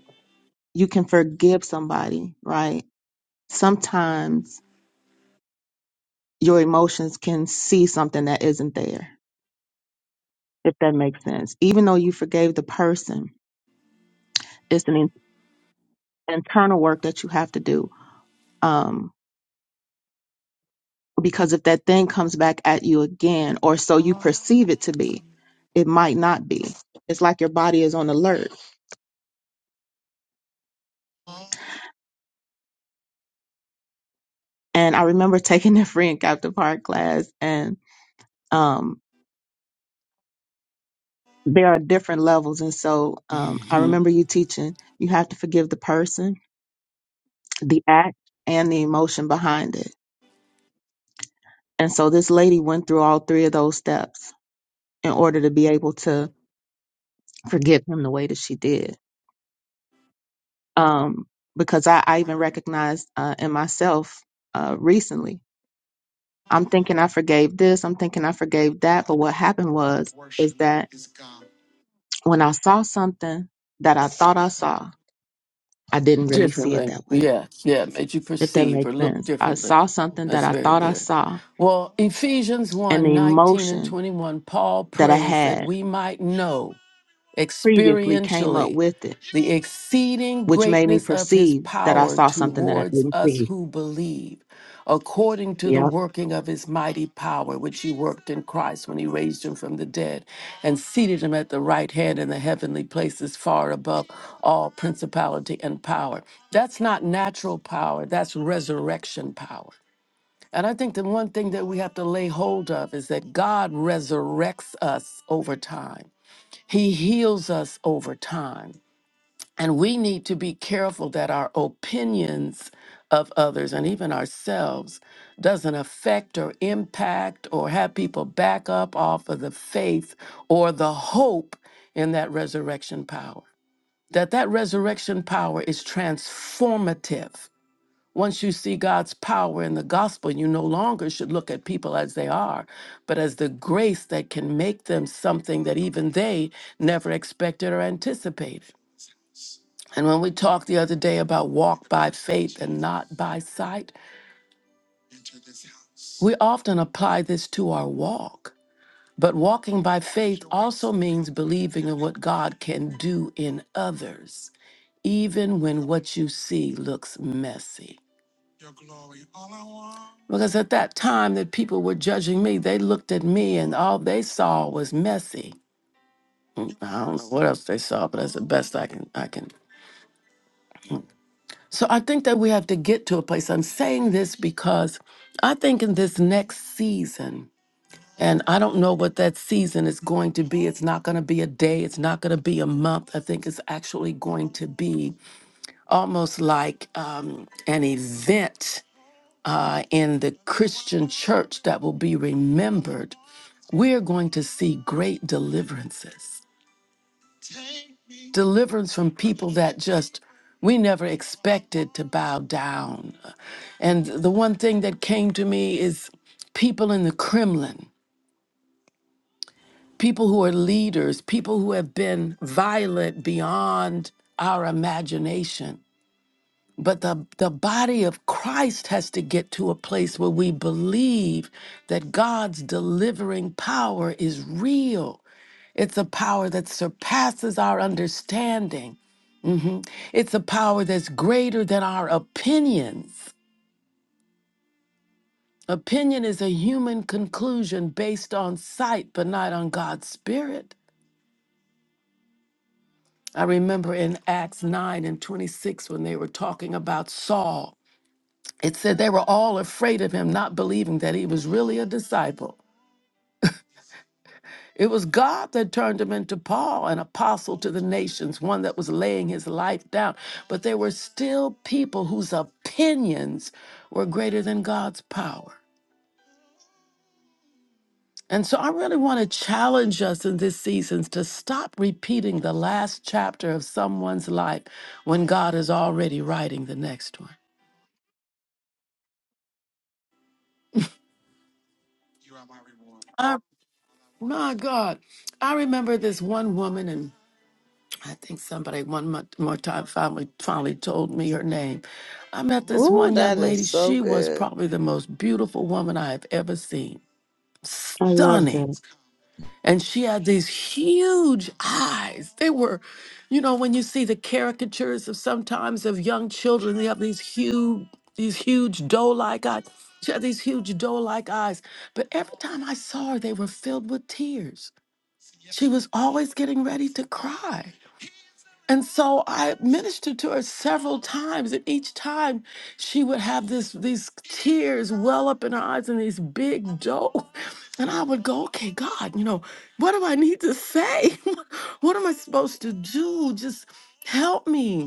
Speaker 5: you can forgive somebody, right? Sometimes your emotions can see something that isn't there, if that makes sense. Even though you forgave the person, it's an in- internal work that you have to do. Um, Because if that thing comes back at you again, or so you perceive it to be, it might not be. It's like your body is on alert. And I remember taking the free and captive heart class, and um, there are different levels. And so um, I
Speaker 1: hmm
Speaker 5: remember you teaching you have to forgive the person, the act, and the emotion behind it. And so this lady went through all three of those steps in order to be able to forgive him the way that she did. um, because I, I even recognized uh, in myself uh, recently. I'm thinking I forgave this. I'm thinking I forgave that. But what happened was is that when I saw something that I thought I saw, I didn't really see it
Speaker 1: Differently.
Speaker 5: that way.
Speaker 1: Yeah. Yeah. Made you
Speaker 5: If that
Speaker 1: perceive or
Speaker 5: makes
Speaker 1: look
Speaker 5: sense, I
Speaker 1: differently.
Speaker 5: saw something that
Speaker 1: That's
Speaker 5: I
Speaker 1: very
Speaker 5: thought I
Speaker 1: good.
Speaker 5: saw,
Speaker 1: Well, Ephesians
Speaker 5: and the
Speaker 1: one 19 and
Speaker 5: emotion
Speaker 1: 21, Paul
Speaker 5: that I
Speaker 1: prays that
Speaker 5: had
Speaker 1: we might know.
Speaker 5: previously came up
Speaker 1: experientially
Speaker 5: with it,
Speaker 1: the exceeding
Speaker 5: which made me
Speaker 1: greatness of his
Speaker 5: perceive that I
Speaker 1: power
Speaker 5: saw something that I
Speaker 1: towards
Speaker 5: didn't
Speaker 1: us
Speaker 5: see.
Speaker 1: who believe, according to the
Speaker 5: Yep,
Speaker 1: working of his mighty power, which he worked in Christ when he raised him from the dead and seated him at the right hand in the heavenly places, far above all principality and power. That's not natural power, that's resurrection power. And I think the one thing that we have to lay hold of is that God resurrects us over time. He heals us over time. And we need to be careful that our opinions of others and even ourselves doesn't affect or impact or have people back up off of the faith or the hope in that resurrection power. That that resurrection power is transformative once you see God's power in the gospel, you no longer should look at people as they are, but as the grace that can make them something that even they never expected or anticipated. And when we talked the other day about walk by faith and not by sight, we often apply this to our walk. But walking by faith also means believing in what God can do in others, even when what you see looks messy. Because at that time that people were judging me, they looked at me and all they saw was messy. Mm, I don't know what else they saw, but that's the best I can I can. So I think that we have to get to a place. I'm saying this because I think in this next season, and I don't know what that season is going to be. It's not going to be a day. It's not going to be a month. I think it's actually going to be almost like um, an event uh, in the Christian church that will be remembered, we're going to see great deliverances. Deliverance from people that just we never expected to bow down. And the one thing that came to me is people in the Kremlin, people who are leaders, people who have been violent beyond our imagination But the, the body of Christ has to get to a place where we believe that God's delivering power is real. It's a power that surpasses our understanding. Mhm. It's a power that's greater than our opinions. Opinion is a human conclusion based on sight, but not on God's spirit. I remember in Acts 9 and 26 when they were talking about Saul. It said they were all afraid of him, not believing that he was really a disciple. It was God that turned him into Paul, an apostle to the nations, one that was laying his life down. But there were still people whose opinions were greater than God's power. And so I really want to challenge us in this season to stop repeating the last chapter of someone's life when God is already writing the next one. I, my God, I remember this one woman in I think somebody one mo- more time finally finally told me her name. I met this
Speaker 3: Ooh,
Speaker 1: one young
Speaker 3: that
Speaker 1: lady.
Speaker 3: is so
Speaker 1: She was
Speaker 3: good.
Speaker 1: probably the most beautiful woman I have ever seen.
Speaker 5: I love
Speaker 1: Stunning.
Speaker 5: that.
Speaker 1: And she had these huge eyes. They were, you know, when you see the caricatures of sometimes of young children, they have these huge, these huge doe-like eyes. She had these huge doe-like eyes. But every time I saw her, they were filled with tears. She was always getting ready to cry. And so I ministered to her several times, and each time she would have this these tears well up in her eyes and these big doe. And I would go, okay, God, you know, what do I need to say? what am I supposed to do? Just help me.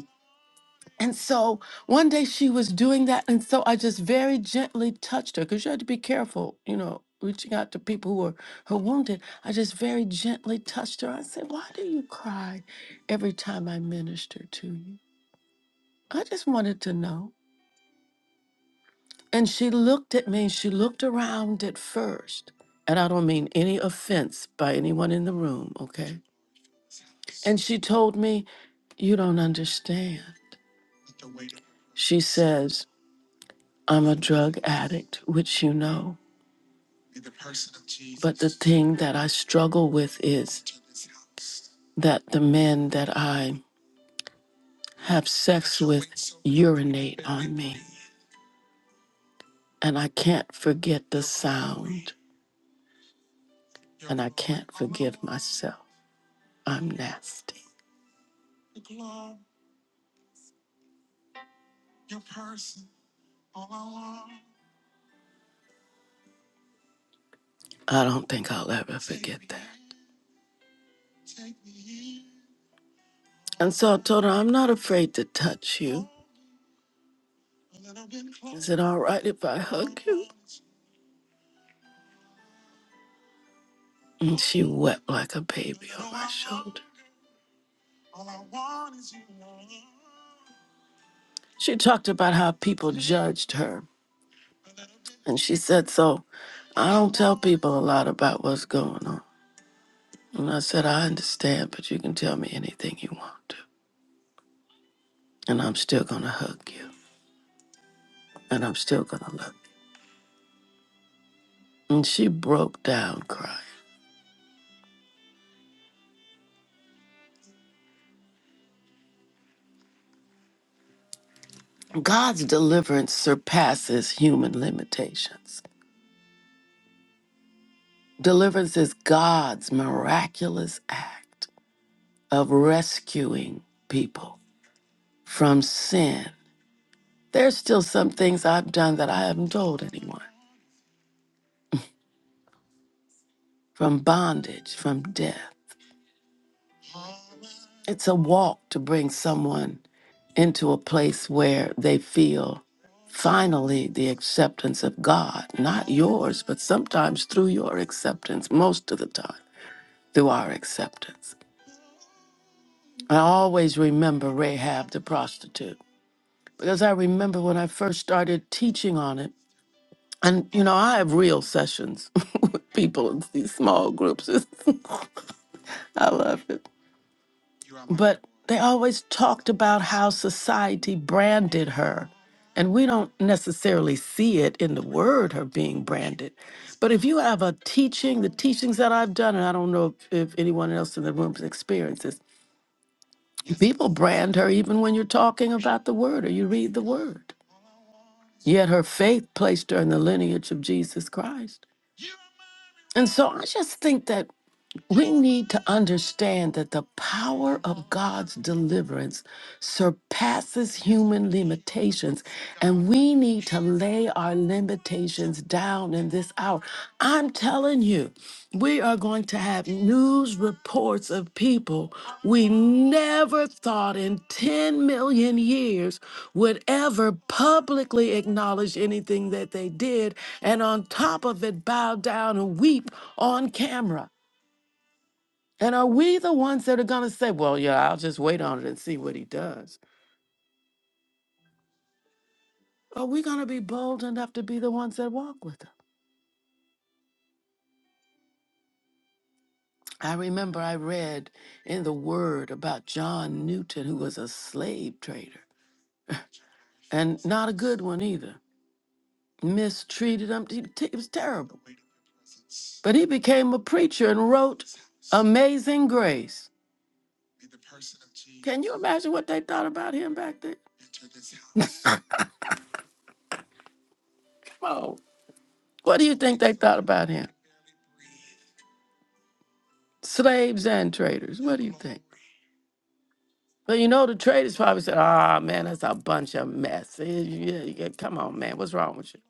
Speaker 1: And so one day she was doing that. And so I just very gently touched her because you had to be careful, you know, reaching out to people who were who wounded. I just very gently touched her. I said, Why do you cry every time I minister to you? I just wanted to know. And she looked at me she looked around at first. And I don't mean any offense by anyone in the room, okay? And she told me, You don't understand. She says, I'm a drug addict, which you know. But the thing that I struggle with is that the men that I have sex with urinate on me. And I can't forget the sound. And I can't forgive myself. I'm nasty. I don't think I'll ever forget that. And so I told her, I'm not afraid to touch you. Is it all right if I hug you? And she wept like a baby on my shoulder. She talked about how people judged her And she said, So I don't tell people a lot about what's going on. And I said, I understand, but you can tell me anything you want to. And I'm still going to hug you. And I'm still going to love you. And she broke down crying. God's deliverance surpasses human limitations. Deliverance is God's miraculous act of rescuing people from sin. There's still some things I've done that I haven't told anyone from bondage, from death. It's a walk to bring someone into a place where they feel finally the acceptance of God, not yours, but sometimes through your acceptance, most of the time through our acceptance. I always remember Rahab the prostitute because I remember when I first started teaching on it. And, you know, I have real sessions with people in these small groups. I love it. but they always talked about how society branded her. And we don't necessarily see it in the word, her being branded. But if you have a teaching, the teachings that I've done, and I don't know if, if anyone else in the room experiences, people brand her even when you're talking about the word or you read the word. Yet her faith placed her in the lineage of Jesus Christ. And so I just think that we need to understand that the power of God's deliverance surpasses human limitations, and we need to lay our limitations down in this hour. I'm telling you, we are going to have news reports of people we never thought in 10 million years would ever publicly acknowledge anything that they did, and on top of it, bow down and weep on camera. And are we the ones that are going to say, well, yeah, I'll just wait on it and see what he does? Are we going to be bold enough to be the ones that walk with him? I remember I read in the Word about John Newton, who was a slave trader and not a good one either. Mistreated him, he, t- it was terrible. But he became a preacher and wrote Amazing Grace. Can you imagine what they thought about him back then? Come on. What do you think they thought about him? slaves and traders. What do you think? But you know, the traders probably said, ah, man, that's a bunch of mess. Eh, Yeah, yeah, come on, man, what's wrong with you?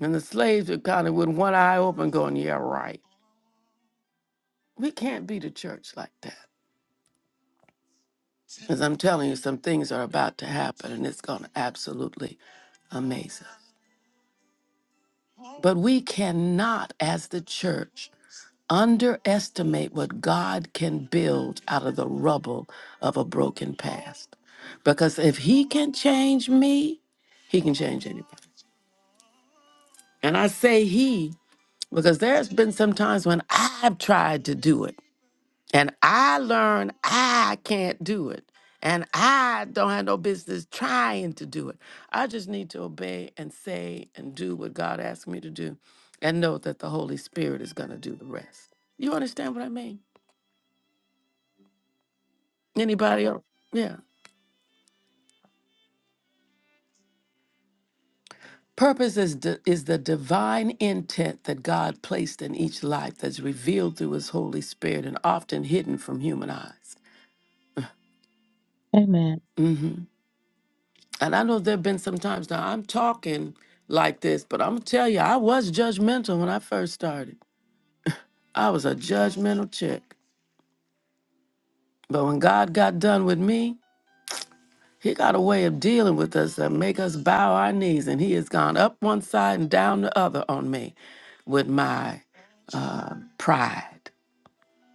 Speaker 1: And the slaves are kind of with one eye open going, yeah, right. We can't be the church like that. Because I'm telling you, some things are about to happen, and it's going to absolutely amaze us. But we cannot, as the church, underestimate what God can build out of the rubble of a broken past. Because if He can change me, He can change anybody. And I say He because there's been some times when I've tried to do it and I learned I can't do it. And I don't have no business trying to do it. I just need to obey and say and do what God asked me to do and know that the Holy Spirit is going to do the rest. You understand what I mean? Anybody else? Yeah. Purpose is, di- is the divine intent that God placed in each life that's revealed through his Holy Spirit and often hidden from human eyes.
Speaker 5: Amen.
Speaker 1: Mm-hmm. And I know there have been some times now I'm talking like this, but I'm gonna tell you, I was judgmental when I first started. I was a judgmental chick. But when God got done with me, he got a way of dealing with us that make us bow our knees, and he has gone up one side and down the other on me with my uh, pride.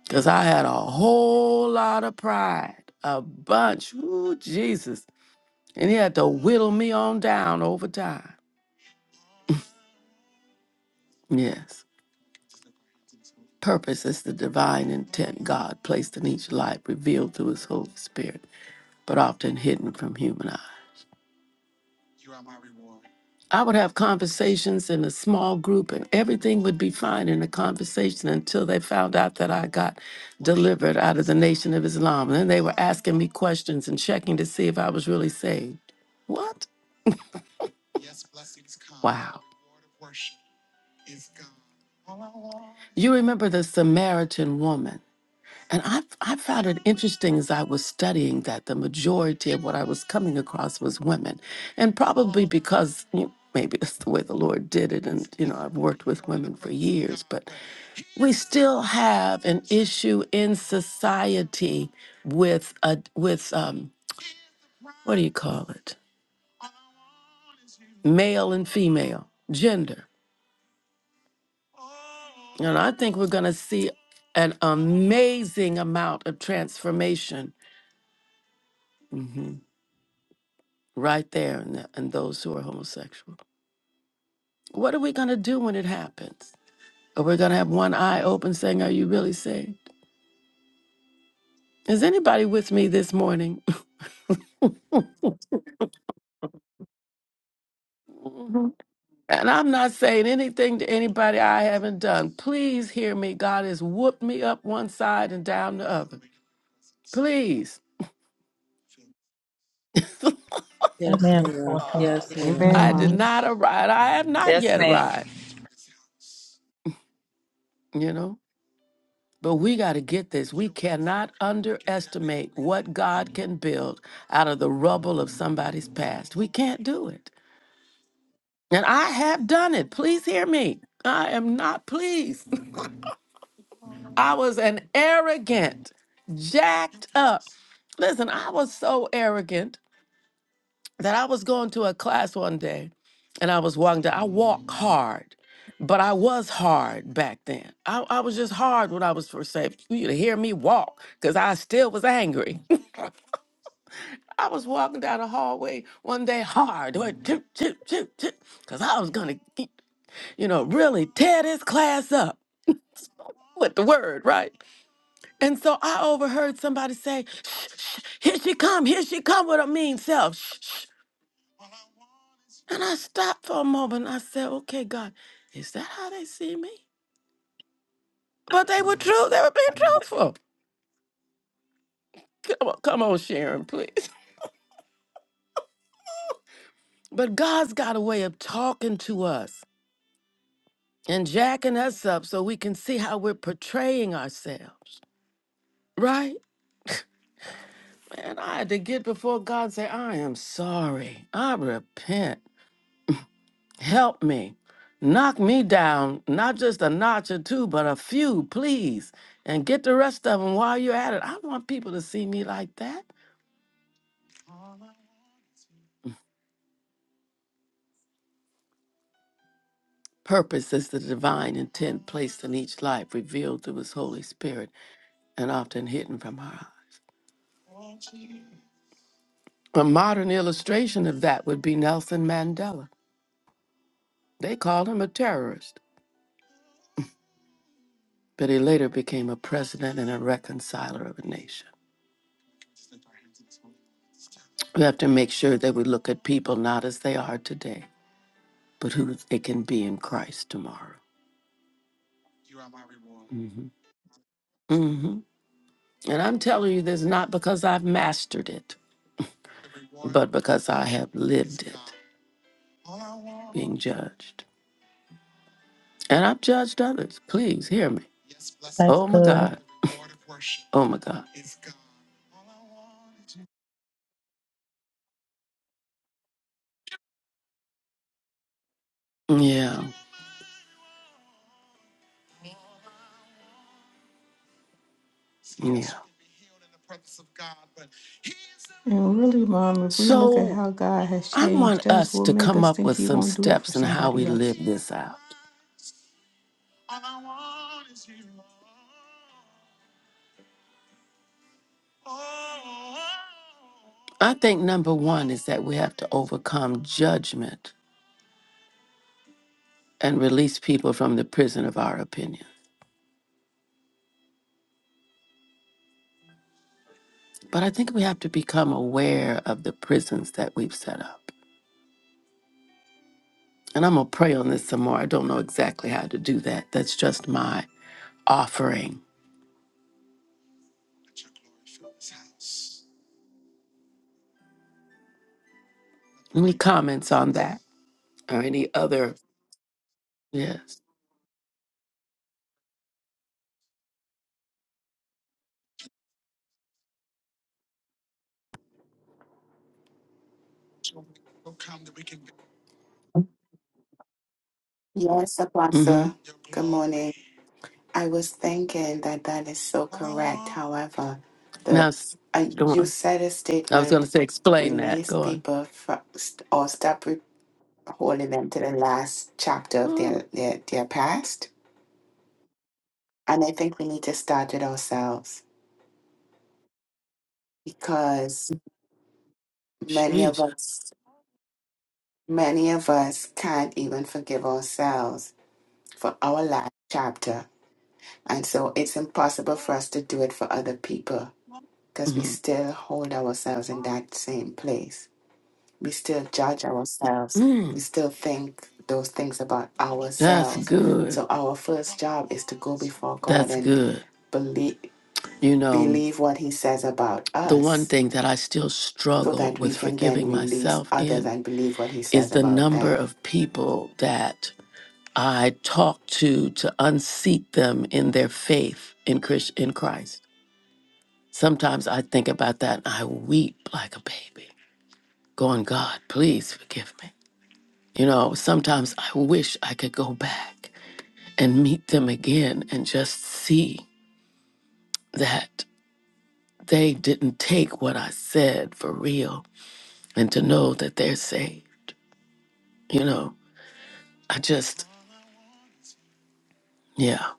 Speaker 1: Because I had a whole lot of pride, a bunch. Ooh, Jesus. And he had to whittle me on down over time. Yes. Purpose is the divine intent God placed in each life, revealed through His Holy Spirit, but often hidden from human eye. I would have conversations in a small group, and everything would be fine in the conversation until they found out that I got delivered out of the Nation of Islam. And then they were asking me questions and checking to see if I was really saved. What? Wow. You remember the Samaritan woman And I, I found it interesting as I was studying that the majority of what I was coming across was women. And probably because you know, maybe that's the way the Lord did it. And, you know, I've worked with women for years, but we still have an issue in society with, a, with um, what do you call it? Male and female, gender. And I think we're going to see an amazing amount of transformation Mm-hmm. right there and, th- and those who are homosexual. What are we going to do when it happens? Are we going to have one eye open saying, Are you really saved? Is anybody with me this morning? Mhm. and I'm not saying anything to anybody I haven't done. Please hear me. God has whooped me up one side and down the other. Please.
Speaker 7: yes,
Speaker 5: Amen.
Speaker 7: ma'am. Yes,
Speaker 2: Yeah.
Speaker 7: ma'am.
Speaker 2: Amen,
Speaker 1: I did
Speaker 5: Apostle.
Speaker 2: Mom.
Speaker 1: not arrive. I have not
Speaker 3: Yes,
Speaker 1: yet
Speaker 3: ma'am.
Speaker 1: arrived, you know? But we got to get this. We cannot underestimate what God can build out of the rubble of somebody's past. We can't do it. And I have done it. Please hear me. I am not pleased. I was an arrogant, jacked up. Listen, I was so arrogant that I was going to a class one day and I was walking down. I walk hard, but I was hard back then. I, I was just hard when I was first saved. You'd hear me walk because I still was angry. I was walking down the hallway one day hard, like, toot, toot, toot, toot, 'cause I was going to, you know, really tear this class up with the word, right? And so I overheard somebody say, shh, shh, here she come, here she come with her mean self. Shh, shh. And I stopped for a moment. and I said, okay, God, is that how they see me? But they were true. They were being truthful. Come on, come on Sharon, please. But God's got a way of talking to us. and jacking us up so we can see how we're portraying ourselves, right? Man, I had to get before God and say, I am sorry. I repent. Help me. Knock me down, not just a notch or two, but a few, please. And get the rest of them while you're at it. I want people to see me like that. Purpose is the divine intent placed in each life, revealed through His Holy Spirit and often hidden from our eyes. A modern illustration of that would be Nelson Mandela. They called him a terrorist, but he later became a president and a reconciler of a nation. We have to make sure that we look at people not as they are today, but who they can be in Christ tomorrow. hmm hmm And I'm telling you this not because I've mastered it, but because I have lived it, being judged. And I've judged others. Please hear me.
Speaker 5: That's
Speaker 1: Oh my
Speaker 5: good.
Speaker 1: God. Oh my God. Yeah. Yeah.
Speaker 2: And really, Mom, if we look at
Speaker 1: So
Speaker 2: how God has
Speaker 1: I want
Speaker 2: changed us,
Speaker 1: us
Speaker 2: will
Speaker 1: to
Speaker 2: make
Speaker 1: come
Speaker 2: us
Speaker 1: up
Speaker 2: think
Speaker 1: with
Speaker 2: He
Speaker 1: some
Speaker 2: won't do it for
Speaker 1: steps in how we
Speaker 2: somebody else.
Speaker 1: live this out. I think number one is that we have to overcome judgment and release people from the prison of our opinion. But I think we have to become aware of the prisons that we've set up. And I'm going to pray on this some more. I don't know exactly how to do that. That's just my offering. Any comments on that or any other? Yes.
Speaker 8: Yes, Apostle. Good morning. I was thinking that that is so correct. However,
Speaker 1: Now,
Speaker 8: the
Speaker 1: s-
Speaker 8: uh,
Speaker 1: go
Speaker 8: you
Speaker 1: on.
Speaker 8: said a
Speaker 1: I was going
Speaker 8: statement,
Speaker 1: to say, explain that.
Speaker 8: release
Speaker 1: Go on.
Speaker 8: people from, or stop re- holding them to the last chapter of
Speaker 1: Ooh,
Speaker 8: their, their their past. And I think we need to start with ourselves because many of
Speaker 1: Jesus.
Speaker 8: us many of us can't even forgive ourselves for our last chapter. And so it's impossible for us to do it for other people. because we
Speaker 1: Mhm.
Speaker 8: still hold ourselves in that same place. We still judge ourselves. We
Speaker 1: Mm,
Speaker 8: still think those things about
Speaker 1: that's
Speaker 8: ourselves.
Speaker 1: good.
Speaker 8: So our first job is to go before God
Speaker 1: That's
Speaker 8: and
Speaker 1: good.
Speaker 8: believe
Speaker 1: You know,
Speaker 8: believe what he says about
Speaker 1: the one
Speaker 8: us
Speaker 1: thing that I still
Speaker 8: so
Speaker 1: struggle
Speaker 8: that we
Speaker 1: with
Speaker 8: can then
Speaker 1: forgiving
Speaker 8: release
Speaker 1: myself
Speaker 8: others
Speaker 1: in
Speaker 8: and believe what he
Speaker 1: is
Speaker 8: says
Speaker 1: the
Speaker 8: about
Speaker 1: number
Speaker 8: them.
Speaker 1: of people that I talk to to unseat them in their faith in Chris in Christ. Sometimes I think about that and I weep like a baby, going, God, please forgive me. You know, sometimes I wish I could go back and meet them again and just see that they didn't take what I said for real and to know that they're safe. You know, I just, yeah,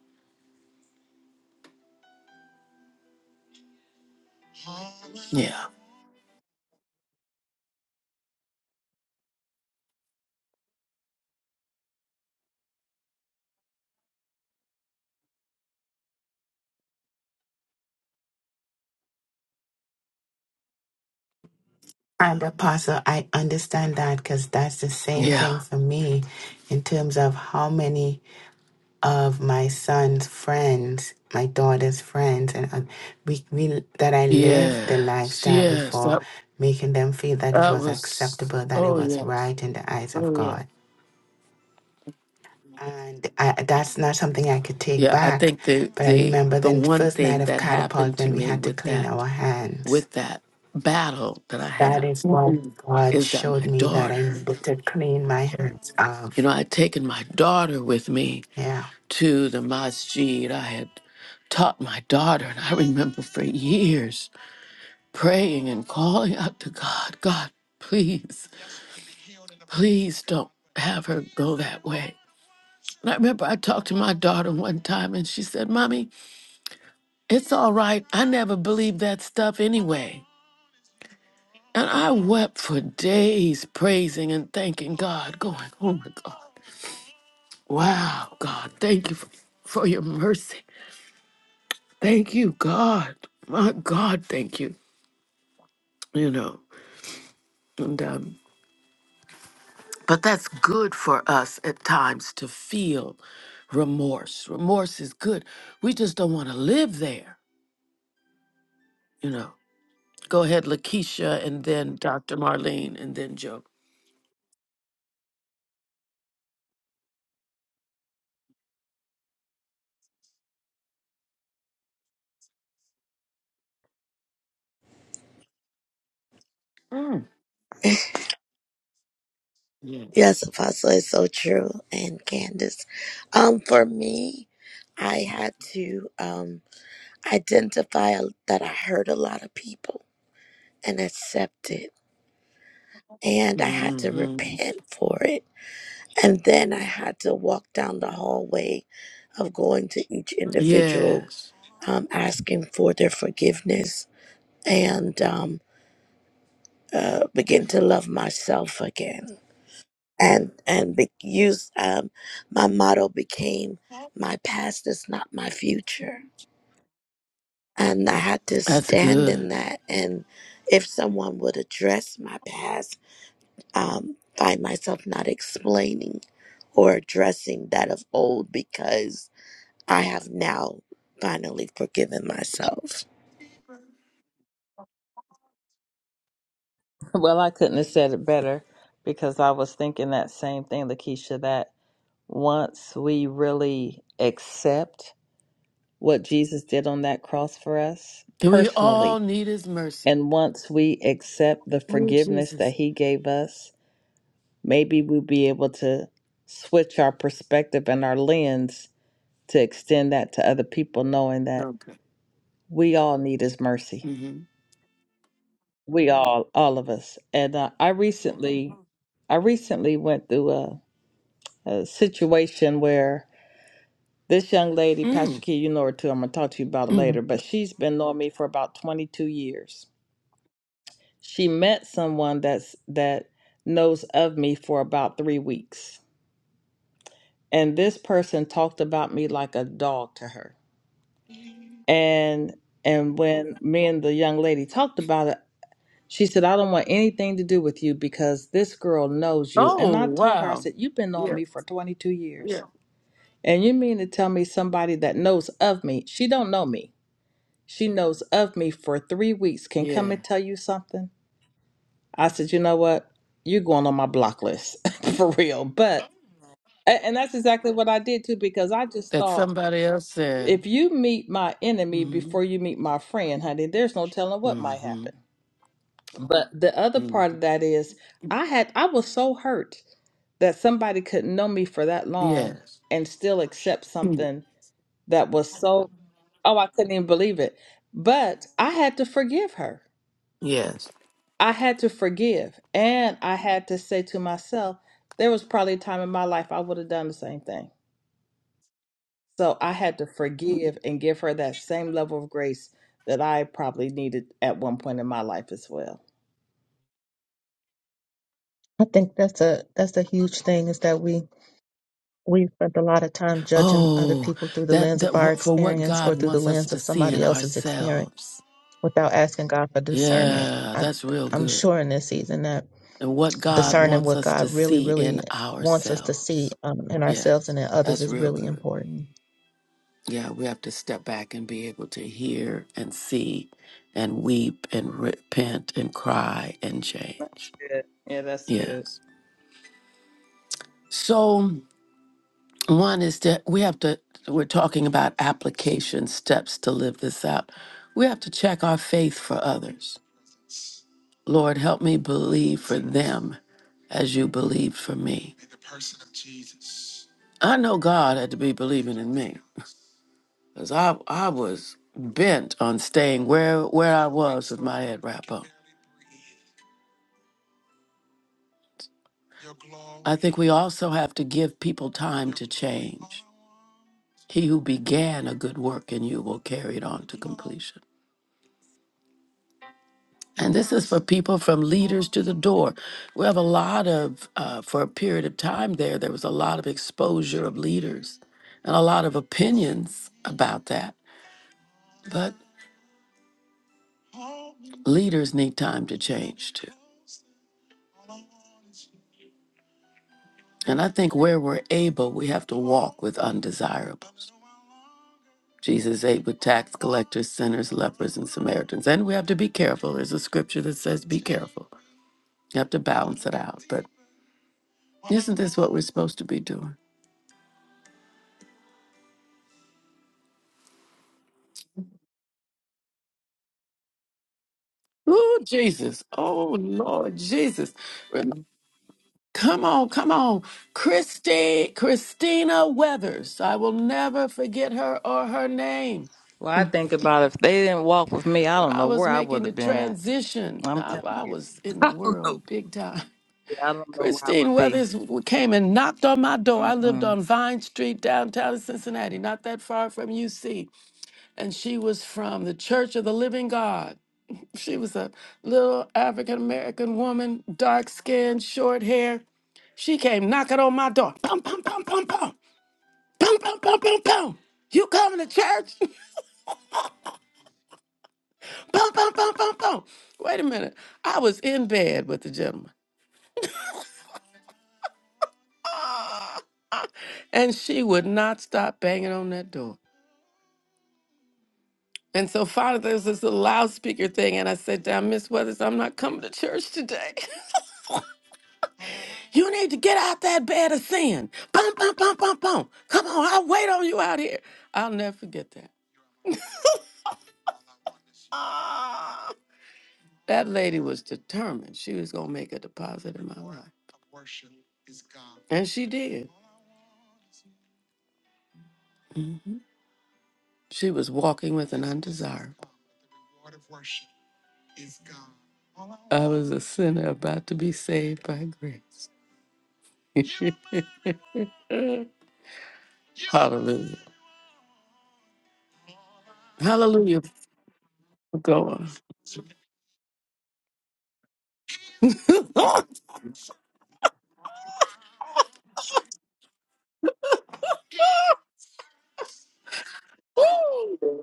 Speaker 1: yeah,
Speaker 8: And Apostle, I understand that because that's the same
Speaker 1: yeah,
Speaker 8: thing for me in terms of how many of my son's friends, my daughter's friends, and uh, we, we that I lived the
Speaker 1: yes,
Speaker 8: lifestyle
Speaker 1: yes.
Speaker 8: before,
Speaker 1: That,
Speaker 8: making them feel that it
Speaker 1: that
Speaker 8: was
Speaker 1: was,
Speaker 8: acceptable, that it
Speaker 1: oh,
Speaker 8: was
Speaker 1: yes,
Speaker 8: right in the eyes of
Speaker 1: oh, yeah.
Speaker 8: God. And I, that's not something I could take
Speaker 1: Yeah, I
Speaker 8: back.
Speaker 1: think the,
Speaker 8: But I
Speaker 1: the,
Speaker 8: remember
Speaker 1: the
Speaker 8: the
Speaker 1: one
Speaker 8: first night
Speaker 1: thing
Speaker 8: of
Speaker 1: that happened
Speaker 8: catapult
Speaker 1: to
Speaker 8: when we
Speaker 1: me
Speaker 8: had to
Speaker 1: with
Speaker 8: clean
Speaker 1: that,
Speaker 8: our hands.
Speaker 1: with that battle that I
Speaker 8: That
Speaker 1: have
Speaker 8: is what Mhm. God
Speaker 1: is that
Speaker 8: showed
Speaker 1: my
Speaker 8: me that I
Speaker 1: daughter
Speaker 8: needed to clean my hands
Speaker 1: You know,
Speaker 8: of.
Speaker 1: I had taken my daughter with me
Speaker 8: Yeah.
Speaker 1: to the masjid. I had taught my daughter, and I remember for years praying and calling out to God, God, please, please don't have her go that way. And I remember I talked to my daughter one time, and she said, Mommy, it's all right. I never believed that stuff anyway. And I wept for days praising and thanking God, going, Oh my God, wow, God, thank you for, for your mercy. Thank you, God. My God, thank you. You know, and um, but that's good for us at times to feel remorse. Remorse is good. We just don't want to live there. You know. Go ahead, Lakeisha, and then Dr. Marlene, and then Joe. Mm. Yeah.
Speaker 6: Yes, Apostle, is so true. And Candace, um, for me, I had to um, identify a- that I hurt a lot of people and accept it. And I had to
Speaker 1: hmm
Speaker 6: repent for it And then I had to walk down the hallway of going to each individual,
Speaker 1: Yes,
Speaker 6: um, asking for their forgiveness and um, uh, begin to love myself again. And and be- use um, my motto became my past is not my future. And I had to
Speaker 1: that's
Speaker 6: stand in
Speaker 1: good.
Speaker 6: that. And if someone would address my past, um, find myself not explaining or addressing that of old because I have now finally forgiven myself.
Speaker 3: Well, I couldn't have said it better because I was thinking that same thing, Lakeisha, that once we really accept what Jesus did on that cross for us
Speaker 1: And we all
Speaker 3: personally,
Speaker 1: need His mercy.
Speaker 3: and once we accept the
Speaker 1: Oh,
Speaker 3: forgiveness that
Speaker 1: Jesus.
Speaker 3: he gave us, maybe we'll be able to switch our perspective and our lens to extend that to other people, knowing that
Speaker 1: Okay.
Speaker 3: we all need his mercy
Speaker 1: mm
Speaker 3: We all, all of us. And uh, I recently, I recently went through a, a situation where this young lady,
Speaker 1: hmm
Speaker 3: Pastor
Speaker 1: Mm.
Speaker 3: Key, you know her too. I'm gonna talk to you about it
Speaker 1: Mm.
Speaker 3: later. But she's been knowing me for about 22 years. She met someone that's that knows of me for about three weeks, and this person talked about me like a dog to her. And and when me and the young lady talked about it, She said, I don't want anything to do with you because this girl knows you.
Speaker 1: Oh,
Speaker 3: And I told her, I
Speaker 1: wow.
Speaker 3: said, You've been knowing me
Speaker 1: Yes.
Speaker 3: for 22
Speaker 1: Yeah.
Speaker 3: years. And you mean to tell me somebody that knows of me, she don't know me. She knows of me for three weeks, can come
Speaker 1: Yeah,
Speaker 3: and tell you something? I said, You know what? You're going on my block list for real. But, a- and that's exactly what I did too, because I just
Speaker 1: that
Speaker 3: thought,
Speaker 1: somebody else said.
Speaker 3: if you meet my enemy
Speaker 1: Mm-hmm.
Speaker 3: before you meet my friend, honey, there's no telling what might
Speaker 1: Mm-hmm.
Speaker 3: happen. But the other part
Speaker 1: Mm-hmm.
Speaker 3: of that is I had I was so hurt that somebody could know me for that long
Speaker 1: Yes.
Speaker 3: and still accept
Speaker 1: Mm.
Speaker 3: something that was so oh I couldn't even believe it. But I had to forgive her.
Speaker 1: Yes.
Speaker 3: I had to forgive and I had to say to myself there was probably a time in my life I would have done the same thing. So I had to forgive and give her that same level of grace that I probably needed at one point in my life as well.
Speaker 5: I think that's a that's a huge thing is that we we spend a lot of time judging other
Speaker 1: Oh,
Speaker 5: people through the
Speaker 1: that
Speaker 5: lens
Speaker 1: that
Speaker 5: of our
Speaker 1: wh- for what
Speaker 5: experience
Speaker 1: God
Speaker 5: or through the
Speaker 1: wants us
Speaker 5: lens
Speaker 1: to
Speaker 5: of
Speaker 1: see in
Speaker 5: somebody else's experience
Speaker 1: ourselves.
Speaker 5: without asking God for discernment.
Speaker 1: Yeah,
Speaker 5: I
Speaker 1: that's real
Speaker 5: I'm
Speaker 1: good.
Speaker 5: sure in this season that
Speaker 1: And what God
Speaker 5: discerning
Speaker 1: wants
Speaker 5: what
Speaker 1: us to
Speaker 5: God really
Speaker 1: see in
Speaker 5: really wants us to see
Speaker 1: ourselves.
Speaker 5: um, in ourselves
Speaker 1: Yes,
Speaker 5: and in others
Speaker 1: that's
Speaker 5: is
Speaker 1: real
Speaker 5: really
Speaker 1: good.
Speaker 5: important.
Speaker 1: Yeah, we have to step back and be able to hear and see and weep and repent and cry and
Speaker 3: That's
Speaker 1: change.
Speaker 3: good. Yeah, that's good.
Speaker 1: Yes. So. One is that we have to, we're talking about application steps to live this out. We have to check our faith for others. Lord, help me believe for them as you believed for me. I know God had to be believing in me because I, I was bent on staying where, where I was with my head wrap up. I think we also have to give people time to change. He who began a good work in you will carry it on to completion. And this is for people from leaders to the door. We have a lot of, uh, for a period of time there, there was a lot of exposure of leaders and a lot of opinions about that. But leaders need time to change too. And I think where we're able, we have to walk with undesirables. Jesus ate with tax collectors, sinners, lepers, and Samaritans. And we have to be careful. There's a scripture that says, be careful. You have to balance it out. But isn't this what we're supposed to be doing? Oh, Jesus. Oh, Lord Jesus. Rem- Come on, come on. Christi, Christina Weathers. I will never forget her or her name.
Speaker 3: Well, I think about if they didn't walk with me, I
Speaker 1: When
Speaker 3: don't
Speaker 1: I
Speaker 3: know
Speaker 1: was
Speaker 3: where I
Speaker 1: making
Speaker 3: would
Speaker 1: the
Speaker 3: have been at.
Speaker 1: transition,
Speaker 3: I'm
Speaker 1: I,
Speaker 3: telling
Speaker 1: I
Speaker 3: you,
Speaker 1: was in the
Speaker 3: I don't know.
Speaker 1: world big time.
Speaker 3: Yeah, I don't know where I
Speaker 1: Christine
Speaker 3: would be.
Speaker 1: Weathers w- came and knocked on my door. I lived
Speaker 3: Mm-mm.
Speaker 1: on Vine Street, downtown Cincinnati, not that far from UC. And she was from the Church of the Living God. She was a little African American woman, dark skin, short hair. She came knocking on my door. Pum pum pum pum pum. Pum pum pum pum pum. You coming to church? Pum pum pum pum pum. Wait a minute. I was in bed with the gentleman. Ah! And she would not stop banging on that door. And so finally there was this little loudspeaker thing, and I said down, Miss Weathers, I'm not coming to church today. You need to get out that bed of sin. Boom, boom, boom, boom, boom. Come on, I'll wait on you out here. I'll never forget that. Ah, that lady was determined. She was going to make a deposit in my life. And she did. hmm She was walking with an undesirable. I was a sinner about to be saved by grace. Hallelujah. Hallelujah. Go on.